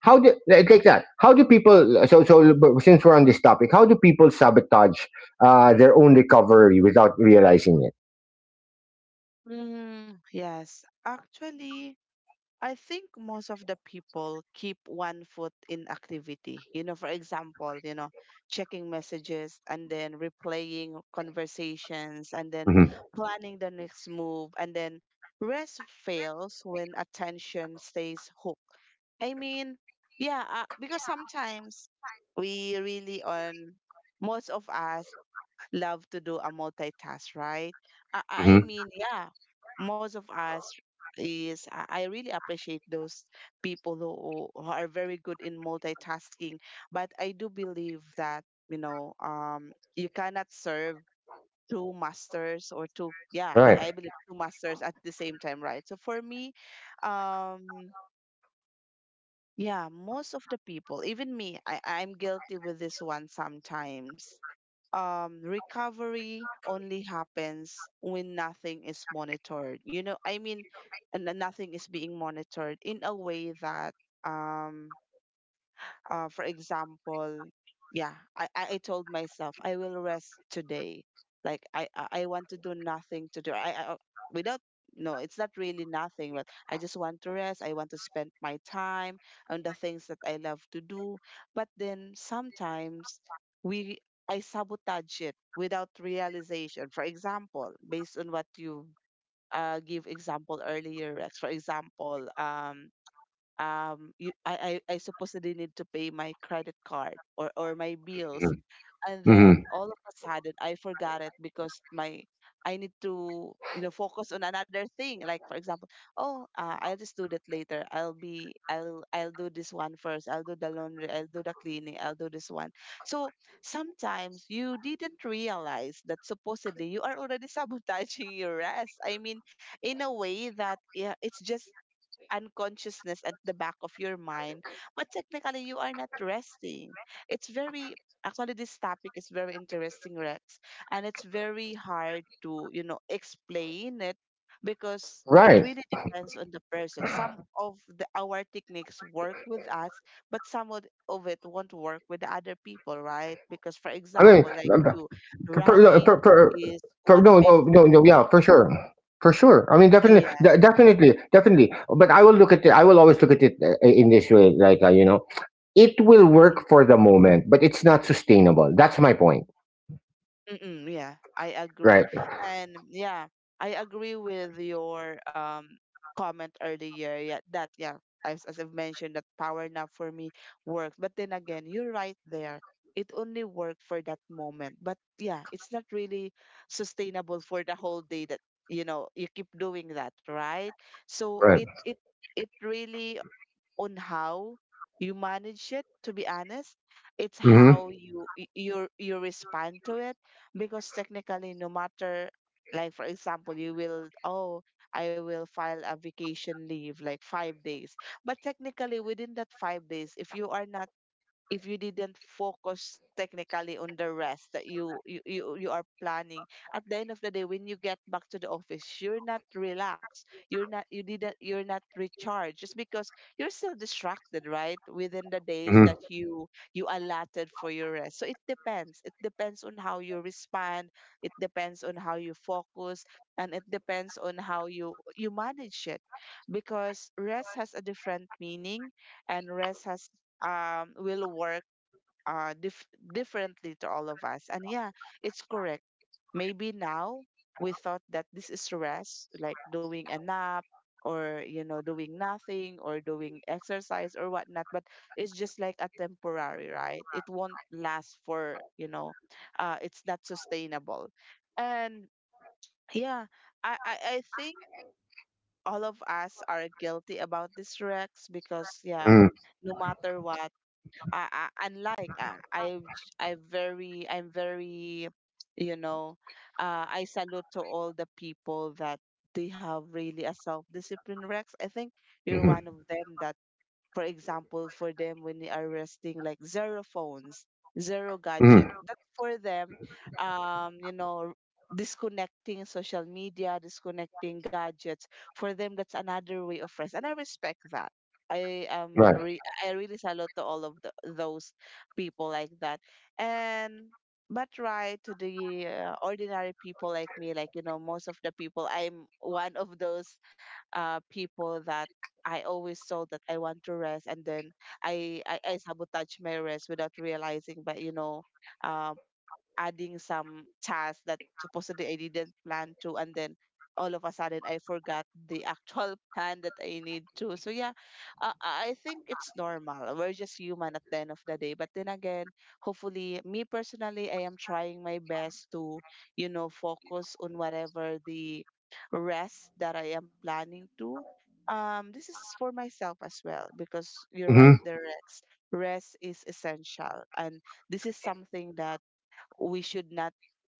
Speaker 1: how do like that how do people so so But since we're on this topic, how do people sabotage their own recovery without realizing it?
Speaker 2: Mm, yes, actually, I think most of the people keep one foot in activity. You know, for example, you know, checking messages and then replaying conversations and then
Speaker 1: Mm-hmm.
Speaker 2: planning the next move and then rest fails when attention stays hooked. I mean, yeah, because sometimes we really on most of us love to do a multitask, right? I,
Speaker 1: Mm-hmm.
Speaker 2: I mean, yeah, most of us is I really appreciate those people who are very good in multitasking, but I do believe that you cannot serve two masters or two yeah
Speaker 1: Right.
Speaker 2: I believe two masters at the same time, right? So for me um yeah, most of the people, even me, I'm guilty with this one sometimes. Recovery only happens when nothing is monitored. You know, I mean, and then nothing is being monitored in a way that um, for example, yeah, I told myself I will rest today. Like I want to do nothing to do. I without No, it's not really nothing, but I just want to rest. I want to spend my time on the things that I love to do. But then sometimes we I sabotage it without realization. For example, based on what you give example earlier, Rex. For example, I supposedly need to pay my credit card or my bills, and then
Speaker 1: Mm-hmm.
Speaker 2: all of a sudden I forgot it because my I need to focus on another thing. Like for example, oh, I'll just do that later. I'll be I'll do this one first. I'll do the laundry. I'll do the cleaning. I'll do this one. So sometimes you didn't realize that supposedly you are already sabotaging your rest, I mean, in a way that yeah, it's just unconsciousness at the back of your mind, but technically you are not resting. It's very Actually, this topic is very interesting, Rex, and it's very hard to explain it because it
Speaker 1: Right.
Speaker 2: really depends on the person. Some of the our techniques work with us, but some of it won't work with the other people, right? Because for
Speaker 1: i mean
Speaker 2: example, like you
Speaker 1: For,
Speaker 2: running is what
Speaker 1: no, no,
Speaker 2: makes
Speaker 1: no, no,
Speaker 2: you
Speaker 1: yeah, for sure. For sure. I mean, definitely,
Speaker 2: yeah.
Speaker 1: definitely, definitely. But I will look at it, I will always look at it in this way, it will work for the moment, but it's not sustainable. That's my point.
Speaker 2: Mm-mm, yeah, I agree.
Speaker 1: Right,
Speaker 2: And yeah, I agree with your comment earlier. Yeah, that yeah, as I've mentioned, that power nap for me works. But then again, you're right there. It only worked for that moment. But yeah, it's not really sustainable for the whole day that you keep doing that, right? So
Speaker 1: right.
Speaker 2: it really on how you manage it, to be honest. It's
Speaker 1: Mm-hmm,
Speaker 2: how you you respond to it because technically no matter, like for example, you will oh I will file a vacation leave like 5 days. But technically within that 5 days, if you are not, if you didn't focus technically on the rest that you are planning, at the end of the day when you get back to the office, you're not relaxed, you're not recharged just because you're still distracted, right, within the days
Speaker 1: mm-hmm,
Speaker 2: that you allotted for your rest. So it depends, it depends on how you respond. It depends on how you focus. And it depends on how you manage it because rest has a different meaning. And rest has will work differently to all of us. And yeah, it's correct. Maybe now we thought that this is rest, like doing a nap or you know, doing nothing or doing exercise or whatnot, but it's just like a temporary, right? It won't last for you know, it's not sustainable. And yeah, I think all of us are guilty about this, Rex, because yeah,
Speaker 1: mm-hmm,
Speaker 2: no matter what, I unlike I very I'm very you know, I salute to all the people that they have really a self discipline, Rex. I think you're one
Speaker 1: mm-hmm.
Speaker 2: of them that, for example, for them when they are resting, like zero phones, zero gadget.
Speaker 1: Mm-hmm.
Speaker 2: That's for them, you know, disconnecting social media, disconnecting gadgets. For them, that's another way of rest, and I respect that.
Speaker 1: Right.
Speaker 2: I really salute to all of the, those people like that. And but right, to the ordinary people like me, like you know, most of the people, I'm one of those people that I always thought that I want to rest, and then I sabotage my rest without realizing. But you know, um, adding some tasks that supposedly I didn't plan to, and then all of a sudden I forgot the actual plan that I need to. So yeah, I think it's normal. We're just human at the end of the day. But then again, hopefully, me personally, I am trying my best to, you know, focus on whatever the rest that I am planning to. This is for myself as well because you're right,
Speaker 1: Mm-hmm.
Speaker 2: The Rex. Rest is essential, and this is something that we should not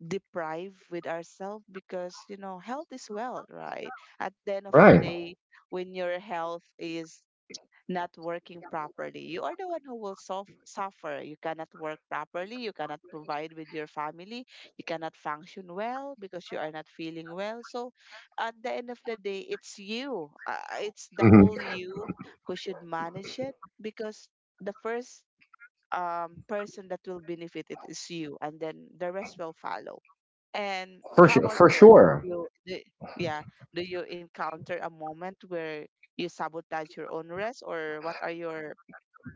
Speaker 2: deprive with ourselves because you know health is wealth, right, at the end of the
Speaker 1: Right.
Speaker 2: day. When your health is not working properly, you are the one who will suffer. You cannot work properly. You cannot provide with your family. You cannot function well because you are not feeling well. So at the end of the day, it's you, it's the whole
Speaker 1: Mm-hmm.
Speaker 2: you who should manage it because the first person that will benefit it is you, and then the rest will follow. And
Speaker 1: For
Speaker 2: how
Speaker 1: sure.
Speaker 2: about
Speaker 1: For
Speaker 2: you, Rex?
Speaker 1: sure.
Speaker 2: Do you, do, yeah, do you encounter a moment where you sabotage your own rest, or what are your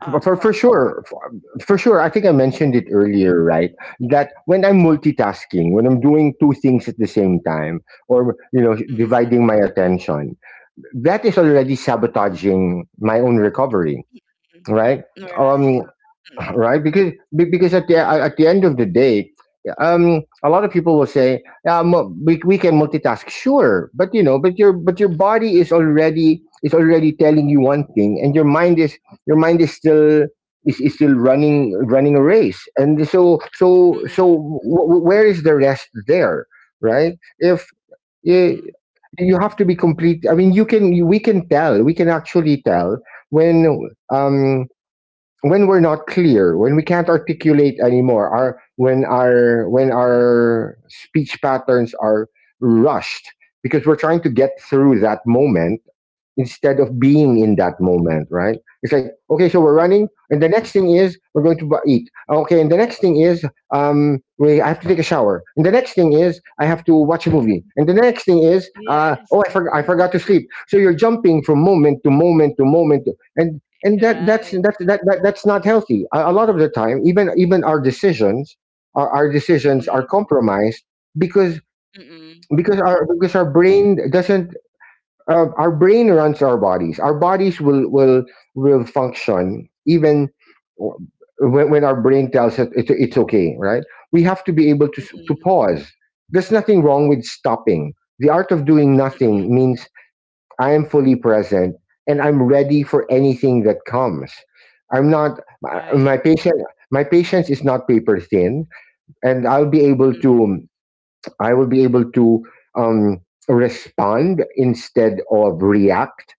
Speaker 1: for for
Speaker 2: thought about
Speaker 1: sure for, for sure, I think I mentioned it earlier, right? That when I'm multitasking, when I'm doing two things at the same time, or you know,
Speaker 2: it? Mm-mm.
Speaker 1: dividing my attention, that is already sabotaging my own recovery, right? Um,
Speaker 2: Right. Mm-mm.
Speaker 1: right? Because at the end of the day, a lot of people will say, yeah, we can multitask, sure, but you know, but your body is already telling you one thing, and your mind is still is still running a race, and so so so
Speaker 2: Mm-mm.
Speaker 1: w- w- where is the rest there, right? If eh,
Speaker 2: Mm-mm.
Speaker 1: you have to be complete. I mean, you can we can tell, we can actually tell when um when we're not clear, when we can't articulate anymore, our when our when
Speaker 2: Mm-mm.
Speaker 1: our speech patterns are rushed, because we're trying to get through that moment instead of being in that moment, right? It's like, okay, so we're running,
Speaker 2: Mm-mm.
Speaker 1: and the next thing is we're going to eat. Okay, and the next thing is we, I have to take a shower, and the next thing is I have to watch a movie, and the next thing is
Speaker 2: Yes.
Speaker 1: oh, I forgot. I forgot to sleep. So you're jumping from moment to moment to moment, and
Speaker 2: You're
Speaker 1: that
Speaker 2: right.
Speaker 1: that's that, that that's not healthy. A lot of the time, even our decisions, our decisions
Speaker 2: Mm-mm.
Speaker 1: are compromised because
Speaker 2: Mm-mm.
Speaker 1: because our brain doesn't our brain runs our bodies. Our bodies will will function even w- when, our brain tells us it's okay, right? We have to be able to to
Speaker 2: Mm-mm.
Speaker 1: pause. There's nothing wrong with stopping. The art of doing nothing
Speaker 2: Mm-mm.
Speaker 1: means I am fully present and I'm ready for anything that comes. I'm not my, my
Speaker 2: Right.
Speaker 1: patient. My patience is not paper thin, and I'll be able
Speaker 2: Mm-mm.
Speaker 1: to. I will be able to um, respond instead of react.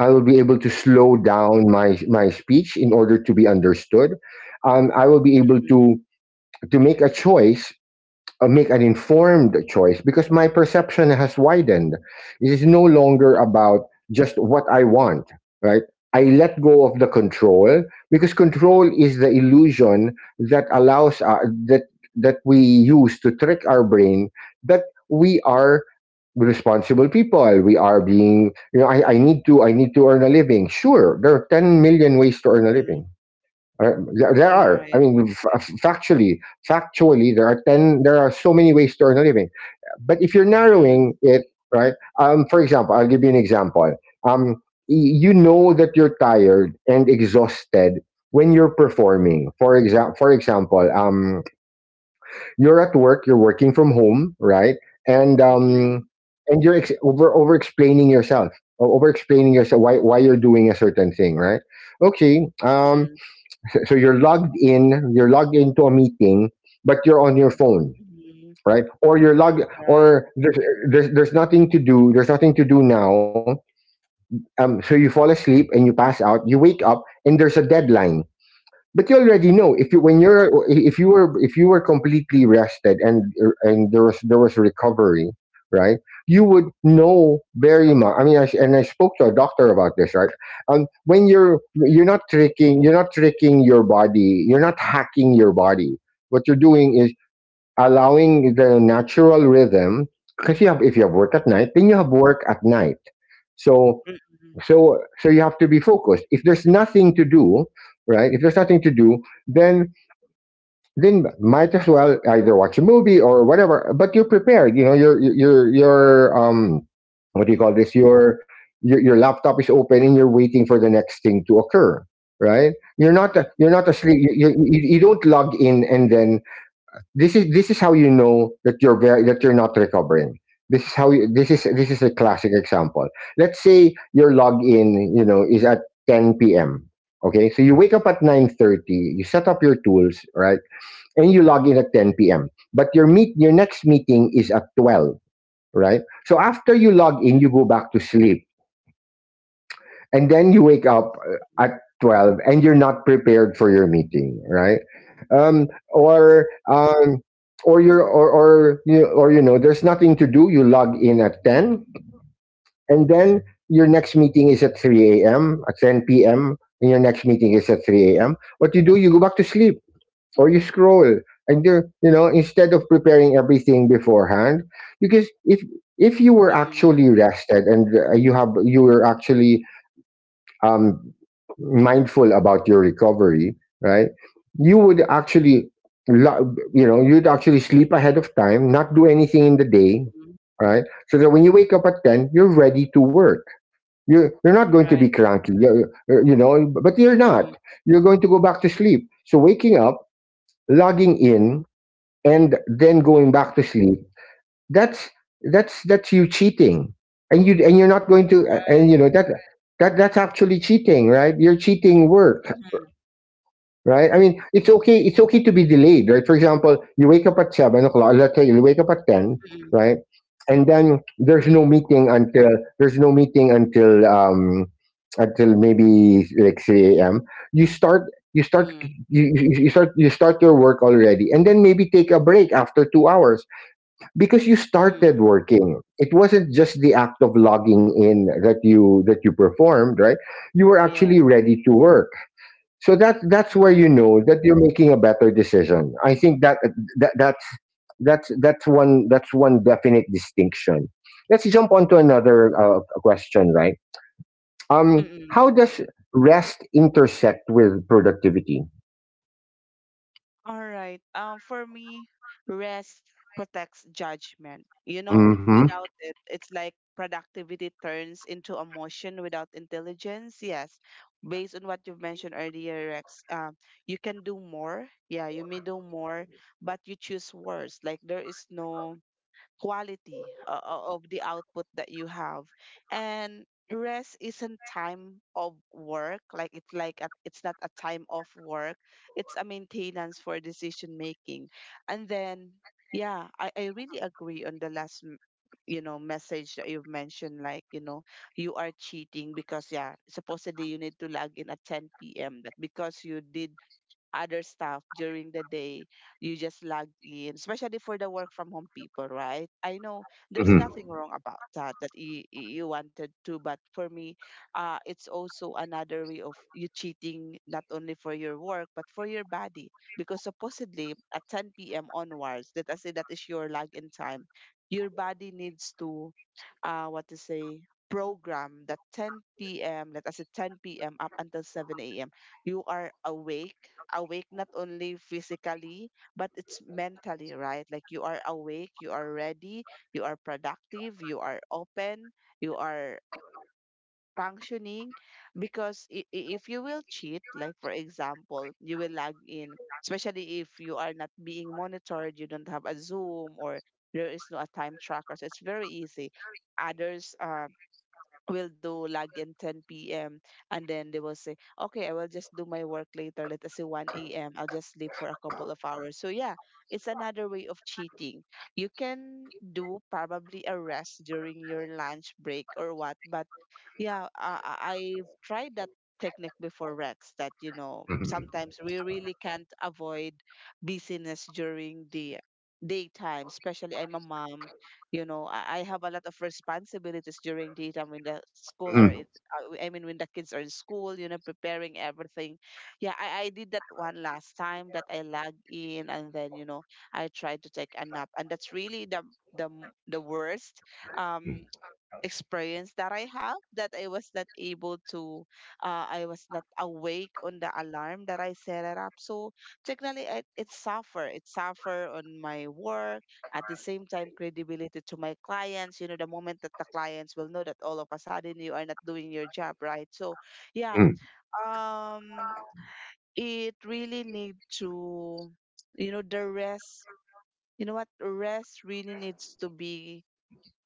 Speaker 1: I will be able to slow down my speech in order to be understood. I will be able
Speaker 2: Mm-mm.
Speaker 1: to make a choice, make an informed choice because my perception has widened. It is no longer about just what I want, right? I let go of the control because control is the illusion that allows that that we use to trick our brain that we are responsible people. We are being, you know, I need to earn a living. Sure, there are 10 million ways to earn a living,
Speaker 2: Mm-mm.
Speaker 1: there
Speaker 2: You're
Speaker 1: are. I
Speaker 2: right.
Speaker 1: mean, factually, factually, there are 10. There are so many ways to earn a living, but if you're narrowing
Speaker 2: Mm-mm.
Speaker 1: it, right? For example, I'll give you an example. Um, you know that you're tired and exhausted when you're
Speaker 2: Mm-mm.
Speaker 1: performing. For example, you're at work. You're working from home, right? And um,
Speaker 2: Mm-mm.
Speaker 1: and you're over explaining yourself, over explaining yourself why you're doing a certain thing, right? Okay.
Speaker 2: Mm-mm.
Speaker 1: So you're logged in, you're logged into a meeting, but you're on your phone,
Speaker 2: Mm-mm.
Speaker 1: right? Or you're logged,
Speaker 2: Right.
Speaker 1: there's nothing to do. There's nothing to do now. So you fall asleep and you pass out. You wake up and there's a deadline, but you already know
Speaker 2: Mm-mm,
Speaker 1: if you when you're if you were completely rested, and there was there was recovery, right? You would know very much. I mean, I, s- and I spoke to a doctor about this, right? Um, when you're
Speaker 2: mm-mm,
Speaker 1: you're not tricking your body, you're not hacking your body. What you're doing is allowing the natural rhythm, because you have if you have work at night, then you have work at night. so
Speaker 2: mm-mm,
Speaker 1: so so you have to be focused. If there's nothing to do, right? If there's nothing to do, then might as well either watch a movie or whatever, but you're prepared. You know your your um, what do you call
Speaker 2: mm-mm,
Speaker 1: this? Your your laptop is open and you're waiting for the next thing to occur, right?
Speaker 2: mm-mm,
Speaker 1: You're not
Speaker 2: mm-mm,
Speaker 1: asleep. You, You don't log in and then, this is how you know that you're very that you're not recovering. This is
Speaker 2: uh,
Speaker 1: this is a classic example. Let's say your login, you know, is at 10 p.m. Okay, so you wake up at 9:30, you set up your tools, right? And you log in at 10 p.m., but your meet your next meeting is at 12, right? So after you log in, you
Speaker 2: mm-mm,
Speaker 1: go back to sleep, and then you wake up at 12, and you're not prepared for your meeting, right? Um,
Speaker 2: mm-mm,
Speaker 1: or um, or you're or you know, there's nothing to do, you log in at 10, and then your next meeting is at 3 a.m. At 10 p.m., and your next meeting is at
Speaker 2: mm-mm,
Speaker 1: 3 a.m., what you do, you go back to sleep, or you scroll, and you know, instead of preparing everything beforehand. Because if you were
Speaker 2: mm-mm,
Speaker 1: actually rested, and you have you were actually um, mindful about your recovery, right? You would actually, you know, you'd actually sleep ahead of time, not do anything in the day,
Speaker 2: mm-mm,
Speaker 1: right? So that when you wake up at 10, you're ready to work. You're not going to be
Speaker 2: Right.
Speaker 1: cranky, you, you know, but you're not.
Speaker 2: Mm-mm,
Speaker 1: You're going to go back to sleep. So waking up, logging in, and then
Speaker 2: mm-mm,
Speaker 1: going back to sleep, that's that's you cheating, and you're not going to, and
Speaker 2: Right.
Speaker 1: you know that that's actually cheating, right? You're cheating work,
Speaker 2: Mm-mm,
Speaker 1: right? I mean, it's okay, it's okay to be delayed, right? For example, you wake up at 7 o'clock, let's say you wake up at
Speaker 2: mm-mm,
Speaker 1: ten, right? And then there's
Speaker 2: mm-mm,
Speaker 1: no meeting until um, until maybe like 3 a.m., you start you start
Speaker 2: mm-mm,
Speaker 1: you start your work already, and then maybe take a break after 2 hours, because you started
Speaker 2: mm-mm,
Speaker 1: working. It wasn't just the act of logging in that you performed, right? You were
Speaker 2: Yes.
Speaker 1: actually ready to work. So that that's where you
Speaker 2: Mm-mm,
Speaker 1: know that you're making a better decision. I think that that's that's one, definite distinction. Let's jump on to another question, right? Um,
Speaker 2: mm-mm,
Speaker 1: how does rest intersect with productivity?
Speaker 2: All right. For me, rest protects judgment. You know,
Speaker 1: Hmm.
Speaker 2: without it, it's like productivity turns into emotion without intelligence. Yes. Based on what you've mentioned earlier, Rex, you can do more. Yeah, you may do more, but you choose worse. Like there is no quality of the output that you have. And rest isn't time of work, like it's like a, it's not a time off work, it's a maintenance for decision making. And then yeah, I really agree on the last you know message that you've mentioned, like you know you are cheating because yeah supposedly you need to log in at 10 p.m that because you did other stuff during the day. You just log in, especially for the work from home people, right? I know there's
Speaker 1: Hmm.
Speaker 2: nothing wrong about that that you wanted to, but for me, it's also another way of you cheating not only for your work but for your body because supposedly at 10 p.m. onwards, let us say that is your login time. Your body needs to what to say, program that 10 p.m., let us say 10 p.m. up until 7 a.m., you are awake, awake not only physically, but it's mentally, right? Like you are awake, you are ready, you are productive, you are open, you are functioning because if you will cheat, like for example, you will log in, especially if you are not being monitored, you don't have a zoom, or there is no a time tracker, so it's very easy. Others will do log in 10 p.m. and then they will say, okay, I will just do my work later. Let us say 1 a.m. I'll just sleep for a couple of hours. So yeah, it's another way of cheating. You can do probably a rest during your lunch break or what, but yeah, I've tried that technique before, Rex, that you know sometimes we really can't avoid busyness during the daytime, especially I'm a mom. You know, I have a lot of responsibilities during daytime when the school are in- I mean when the kids are in school, you know, preparing everything. Yeah, I did that one last time, that I lag in, and then you know I tried to take a nap, and that's really the the worst um experience that I have, that I was not able to I was not awake on the alarm that I set it up. So technically it suffer. It suffer on my work. At the same time, credibility to my clients. You know, the moment that the clients will know that all of a sudden you are not doing your job, right? So yeah,
Speaker 1: Hmm.
Speaker 2: um it really need to you know the rest. You know what rest really needs to be,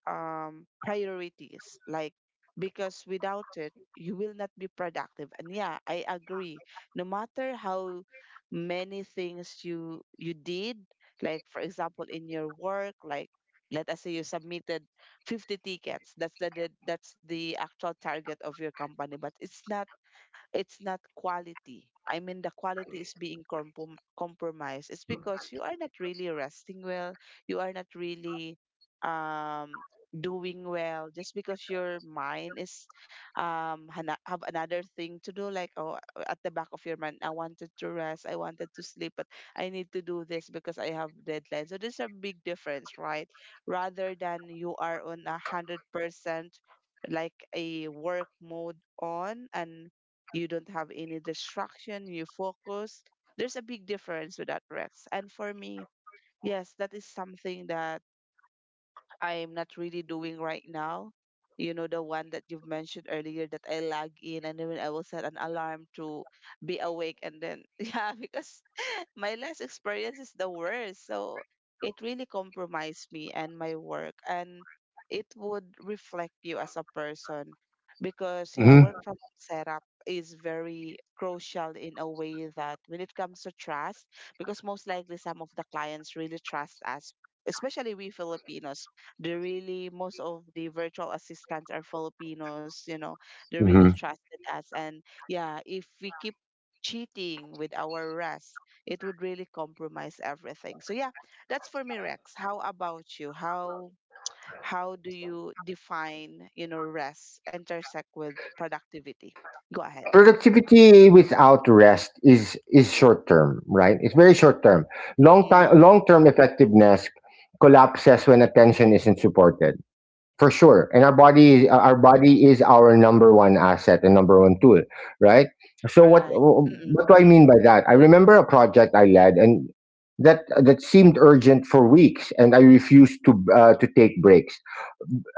Speaker 2: priorities. Like, because without it, you will not be productive. And yeah, I agree. No matter how many things you did, like for example in your work, like let us say you submitted 50 tickets. That's the that's the actual target of your company, but it's not, it's not quality. I mean, the quality is being compromised. It's because you are not really resting well. You are not really um, doing well, just because your mind is have another thing to do, like, oh, at the back of your mind, I wanted to rest, I wanted to sleep, but I need to do this because I have deadline. So there's a big difference, right? Rather than you are on 100%, like a work mode on, and you don't have any distraction, you focus. There's a big difference with that, Rex. And for me, yes, that is something that I'm not really doing right now. You know, the one that you've mentioned earlier, that I log in and then I will set an alarm to be awake. And then, yeah, because my last experience is the worst. So it really compromised me and my work. And it would reflect you as a person, because, yeah, work from home setup is very crucial in a way that when it comes to trust, because most likely some of the clients really trust us, especially we Filipinos. They really, most of the virtual assistants are Filipinos, they really
Speaker 1: Hmm.
Speaker 2: trusted us. And yeah, if we keep cheating with our rest, it would really compromise everything. So yeah, that's for me, Rex. How about you? How do you define rest intersect with productivity? Go ahead.
Speaker 1: Productivity without rest is short term, right? It's very short term.
Speaker 2: Mm.
Speaker 1: Long term effectiveness collapses when attention isn't supported, for sure. And our
Speaker 2: Mm.
Speaker 1: body is our body is our number one asset and number one tool, right? So what
Speaker 2: Right. Mm.
Speaker 1: do I mean by that? I remember a project I led, and that seemed urgent for weeks, and I refused to take breaks.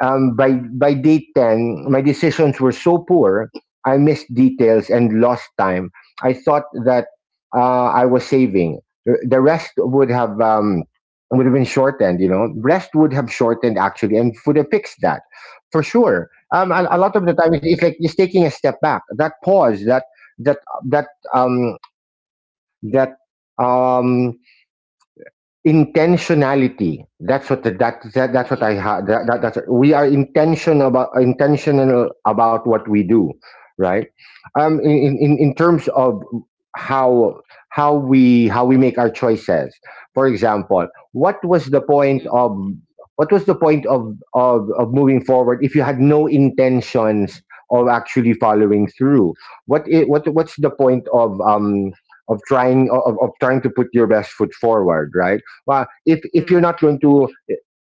Speaker 1: Um, by day 10, my decisions were so poor. I missed details and lost time. I thought that I was saving. The rest would have been shortened. You know, rest would have shortened actually, and would have fixed that, for sure.
Speaker 2: Mm.
Speaker 1: A
Speaker 2: Mm.
Speaker 1: lot of the time, it's like just taking a step back. That pause, that that that um, that um, intentionality. That's what the, that, that that's what I
Speaker 2: Mm.
Speaker 1: had. That's, we are intentional about, intentional about what we do, right? In terms of how how we, how we make our choices. For example, what was the point
Speaker 2: Mm.
Speaker 1: of, what was the point of moving forward if you had no intentions of actually following through? What's the point of trying, of trying to put your best foot forward, right? Well,
Speaker 2: Mm.
Speaker 1: if
Speaker 2: Mm.
Speaker 1: you're not going to,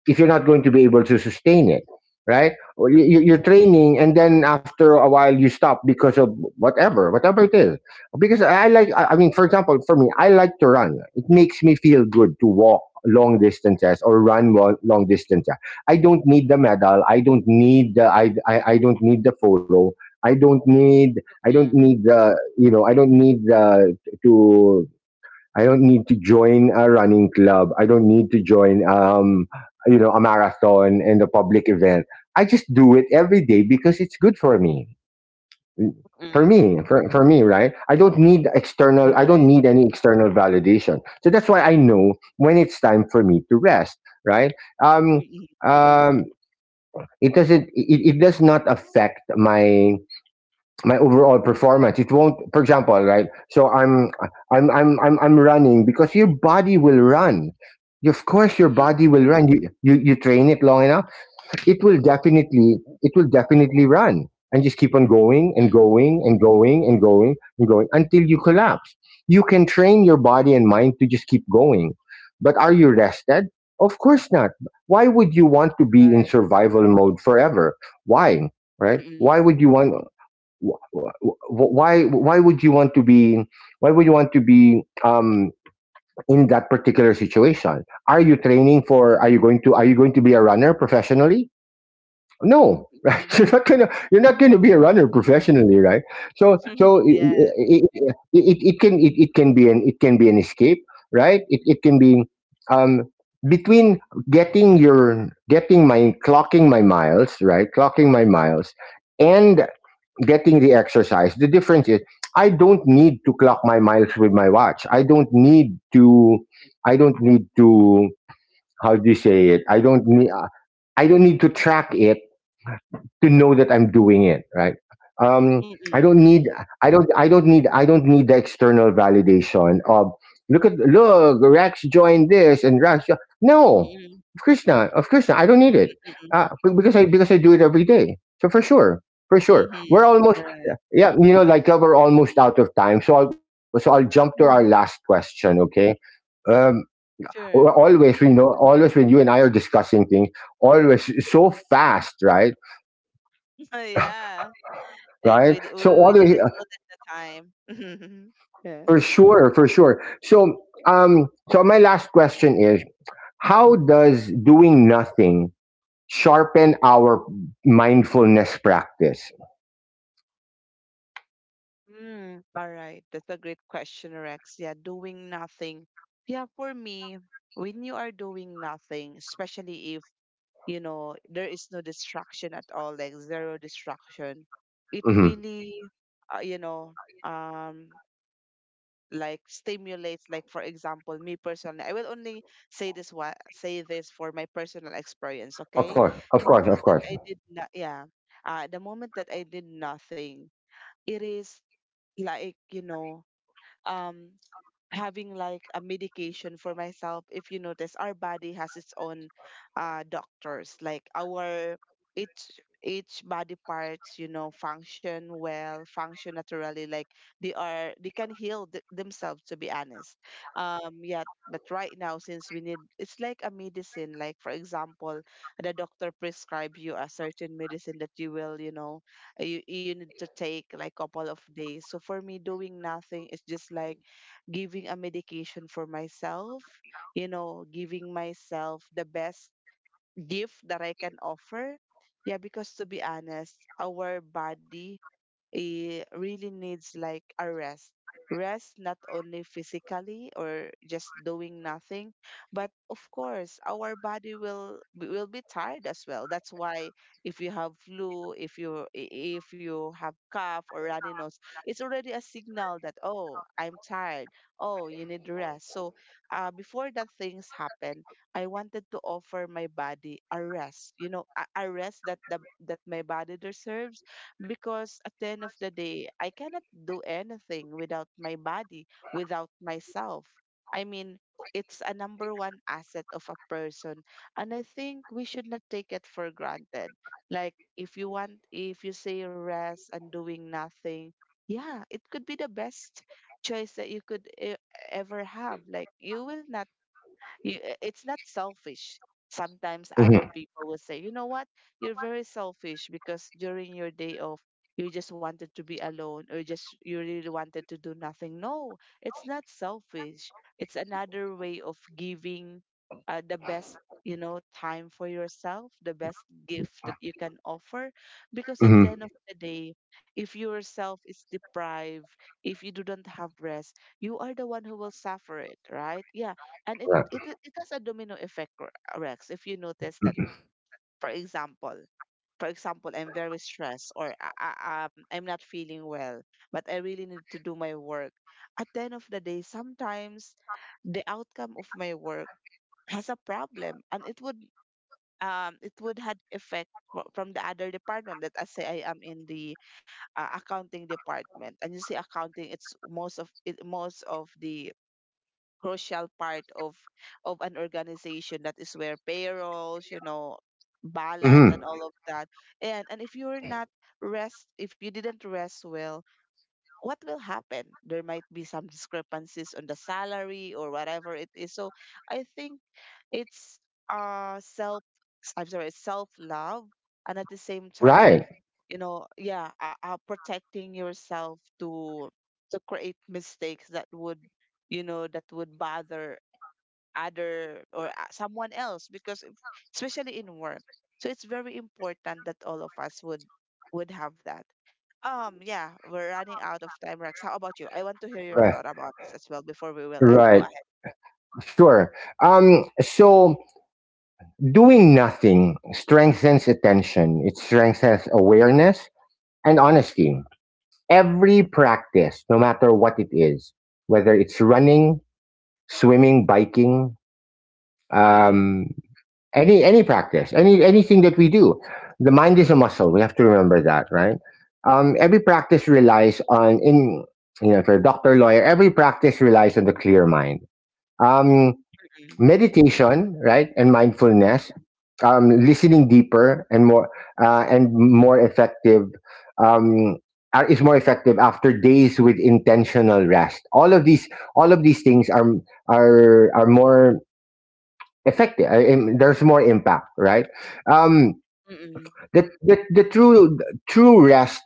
Speaker 1: if you're not going to be able to sustain it, right? Or you're training, and then after a while you stop because of, whatever, whatever it is. Because I mean, for example, for me, I like to run. It makes me feel good to walk long distances or long distances. I don't need the medal. I don't need the photo. I don't need. I don't
Speaker 2: Mm.
Speaker 1: need the. You know, to I don't need to join a running club. I don't need to join, you know, a marathon and a public event. I just do it every day because it's good for me. For
Speaker 2: Mm.
Speaker 1: me, for, for me, right? I don't need external I don't
Speaker 2: Right.
Speaker 1: need any external validation. So that's why I know when it's time for me to rest, right? Um
Speaker 2: Mm. Mm.
Speaker 1: um it doesn't it does not affect my overall performance. It won't, for example, right? So I'm running because your body will run. Of course, your
Speaker 2: Mm. Mm.
Speaker 1: body will run. You train it long enough, it will definitely, it will definitely run, and just keep on going and
Speaker 2: Mm.
Speaker 1: going and going and going and going until you collapse. You can train your body and
Speaker 2: Mm,
Speaker 1: mind to just keep going, but are you rested? Of course not. Why would you want to be in
Speaker 2: right.
Speaker 1: survival mode forever? Why, right? Why
Speaker 2: Mm-mm.
Speaker 1: would you want? wh- wh- why would you want to be why would you want to be um, in that particular situation? Are you training for, are you going to, are you going to be a runner professionally? No. Right,
Speaker 2: Mm-mm.
Speaker 1: you're not going to, you're not going to be a
Speaker 2: Mhm.
Speaker 1: runner professionally, right?
Speaker 2: Yes.
Speaker 1: It, it, it, it can be an it can be an escape, right? It can be um, between getting your getting my clocking my miles, right, clocking my miles and getting the exercise. The difference is I don't need to clock my miles with my watch. I don't need to. I don't need to. How do you say it? I
Speaker 2: Mhm.
Speaker 1: don't need. I don't need to track it to know that I'm doing it right. Um, I
Speaker 2: Mm-mm.
Speaker 1: don't need,
Speaker 2: Mm-mm.
Speaker 1: I don't need the external validation of, "Look at, look, Rex joined this, and Rex jo-" No,
Speaker 2: Mm-mm.
Speaker 1: of course not, of course not. I don't need it.
Speaker 2: Mm-mm.
Speaker 1: Because I, because I do it every day, so for sure, for sure we're
Speaker 2: Mhm.
Speaker 1: almost,
Speaker 2: Right.
Speaker 1: yeah, you know, we're almost out of time, so I'll jump to our last
Speaker 2: Mhm.
Speaker 1: question. Okay. um
Speaker 2: Sure.
Speaker 1: Always, you know, always when you and I are discussing things, always so fast, right?
Speaker 2: Yeah. It,
Speaker 1: Right?
Speaker 2: we, di-
Speaker 1: So all
Speaker 2: we
Speaker 1: the way,
Speaker 2: didn't know at the time. Yeah.
Speaker 1: for sure, for sure. So so my last question is: How does doing nothing sharpen our mindfulness practice?
Speaker 2: Mm, all right. That's a great question, Rex. Yeah, doing nothing. Yeah, for me, when you are doing nothing, especially, there is no distraction at all, like zero distraction. It
Speaker 1: Hmm.
Speaker 2: really uh, you know um like stimulates. Like, for example, me personally, I will only say this for my personal experience,
Speaker 1: Of
Speaker 2: okay?
Speaker 1: course, of
Speaker 2: the
Speaker 1: course, of
Speaker 2: moment that
Speaker 1: course.
Speaker 2: I did not Yeah, the moment that I did nothing, it is like, um having like a medication for myself. If you notice, our body has its own doctors, like our each body parts, function well, function naturally. Like, they can heal themselves, to be honest. Yeah, but right now, since we need it's like a medicine. Like, for example, the doctor prescribe you a certain medicine that you will you know you, you need to take, like, couple of days. So for me, doing nothing is just like giving a medication for myself, giving myself the best gift that I can offer. Yeah, because to be honest, our body, it really needs like a rest. Rest, not only physically or just doing nothing, but of course our body will be tired as well. That's why if you have flu, if you if you have cough or runny nose, it's already a signal that, oh, I'm tired. Oh, you need rest. So, before that things happen, I wanted to offer my body a rest. You know, a rest that the that my body deserves, because at the end of the day, I cannot do anything without my body, without myself. I mean, it's a number one asset of a person, and I think we should not take it for granted. Like, if you want, if you say rest and doing nothing, yeah, it could be the best choice that you could ever have. Like, you will not you, I- it's not selfish. Sometimes other
Speaker 1: Hmm.
Speaker 2: people will say, you know what, you're very selfish, because during your day off, you just wanted to be alone, or just you really wanted to do nothing. No, it's not selfish. It's another way of giving the best, time for yourself, the best gift that you can offer. Because at the
Speaker 1: Hmm.
Speaker 2: end of the day, if yourself is deprived, if you do not have rest, you are the one who will suffer it, right? Yeah, and it
Speaker 1: Right.
Speaker 2: it it has a domino effect, Rex. If you notice that, for example, I'm very stressed, or I'm not feeling well, but I really need to do my work. At the end of the day, sometimes the outcome of my work has a problem, and it would had effect from the other department. That I say, I am in the accounting department. And you see, accounting, it's most of the crucial part of an organization. That is where payrolls, balance,
Speaker 1: Hmm.
Speaker 2: and all of that. And if you didn't rest well, what will happen? There might be some discrepancies on the salary, or whatever it is. So I think it's self, I'm sorry, self love. And at the same time,
Speaker 1: Right.
Speaker 2: yeah, protecting yourself, to create mistakes that would you know that would bother other, or someone else, because especially in work. So it's very important that all of us would have that. Yeah, we're running out of time, Rex. How about you? I want to hear
Speaker 1: Right.
Speaker 2: your thought about this as well before we will end.
Speaker 1: Right.
Speaker 2: Go ahead.
Speaker 1: Sure. So doing nothing strengthens attention. It strengthens awareness and honesty. Every practice, no matter what it is, whether it's running, swimming, biking,
Speaker 2: Mm-mm.
Speaker 1: um, any practice, anything that we do, the mind is a muscle. We have to remember that, right? Every practice relies on in you know, if you're a doctor, lawyer, every practice relies on the clear mind. Um,
Speaker 2: Mm-mm.
Speaker 1: Meditation, right, and mindfulness, listening deeper and more, and more effective, um, is more effective after days with intentional rest. All of these, all of these things are, are more effective. There's more impact, right? um
Speaker 2: Mm-mm.
Speaker 1: the true rest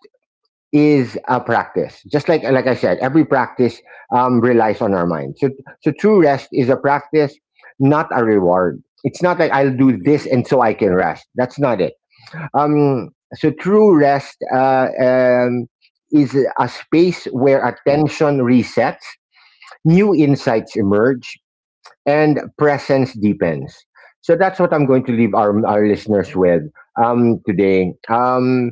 Speaker 1: is a practice. Just Like I said, every practice relies on our mind. So so true rest is a practice, not a reward. It's not like I'll do this and so I can rest. That's not it. So true rest is a space
Speaker 2: Mm-mm.
Speaker 1: where attention resets, new insights emerge, and
Speaker 2: Mm-mm.
Speaker 1: presence deepens. So that's what I'm going to leave our listeners with today.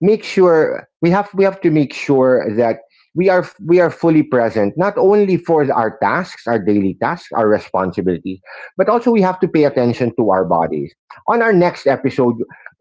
Speaker 1: Make sure we have, we have to make sure that we are fully present, not only for our daily tasks, our responsibilities, but also we have to pay
Speaker 2: Mm-mm. Mm-mm.
Speaker 1: attention to our bodies. On our next episode,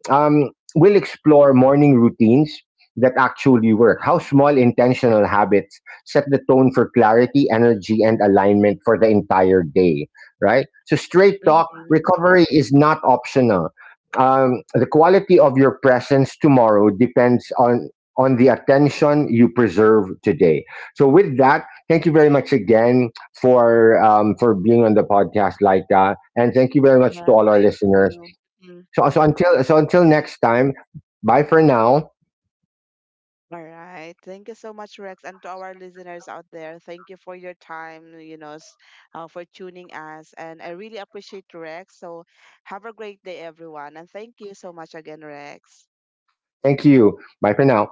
Speaker 1: um, we'll explore morning routines that actually work, how small intentional habits set the tone for clarity, energy, and alignment for the entire day, right? So straight talk:
Speaker 2: Mm-mm.
Speaker 1: recovery is not optional. The quality of your presence tomorrow depends on the attention you preserve today. So with that, thank you very much again for being on the podcast like that, and thank you very much to
Speaker 2: Yeah,
Speaker 1: all our
Speaker 2: thank
Speaker 1: listeners.
Speaker 2: you. Mhm.
Speaker 1: So until
Speaker 2: Yeah.
Speaker 1: next time, bye for now.
Speaker 2: All right. Thank you so much, Rex, and to our listeners out there. Thank you for your time, for tuning us. And I really appreciate Rex. So have a great day, everyone. And thank you so much again, Rex.
Speaker 1: Thank you. Bye for now.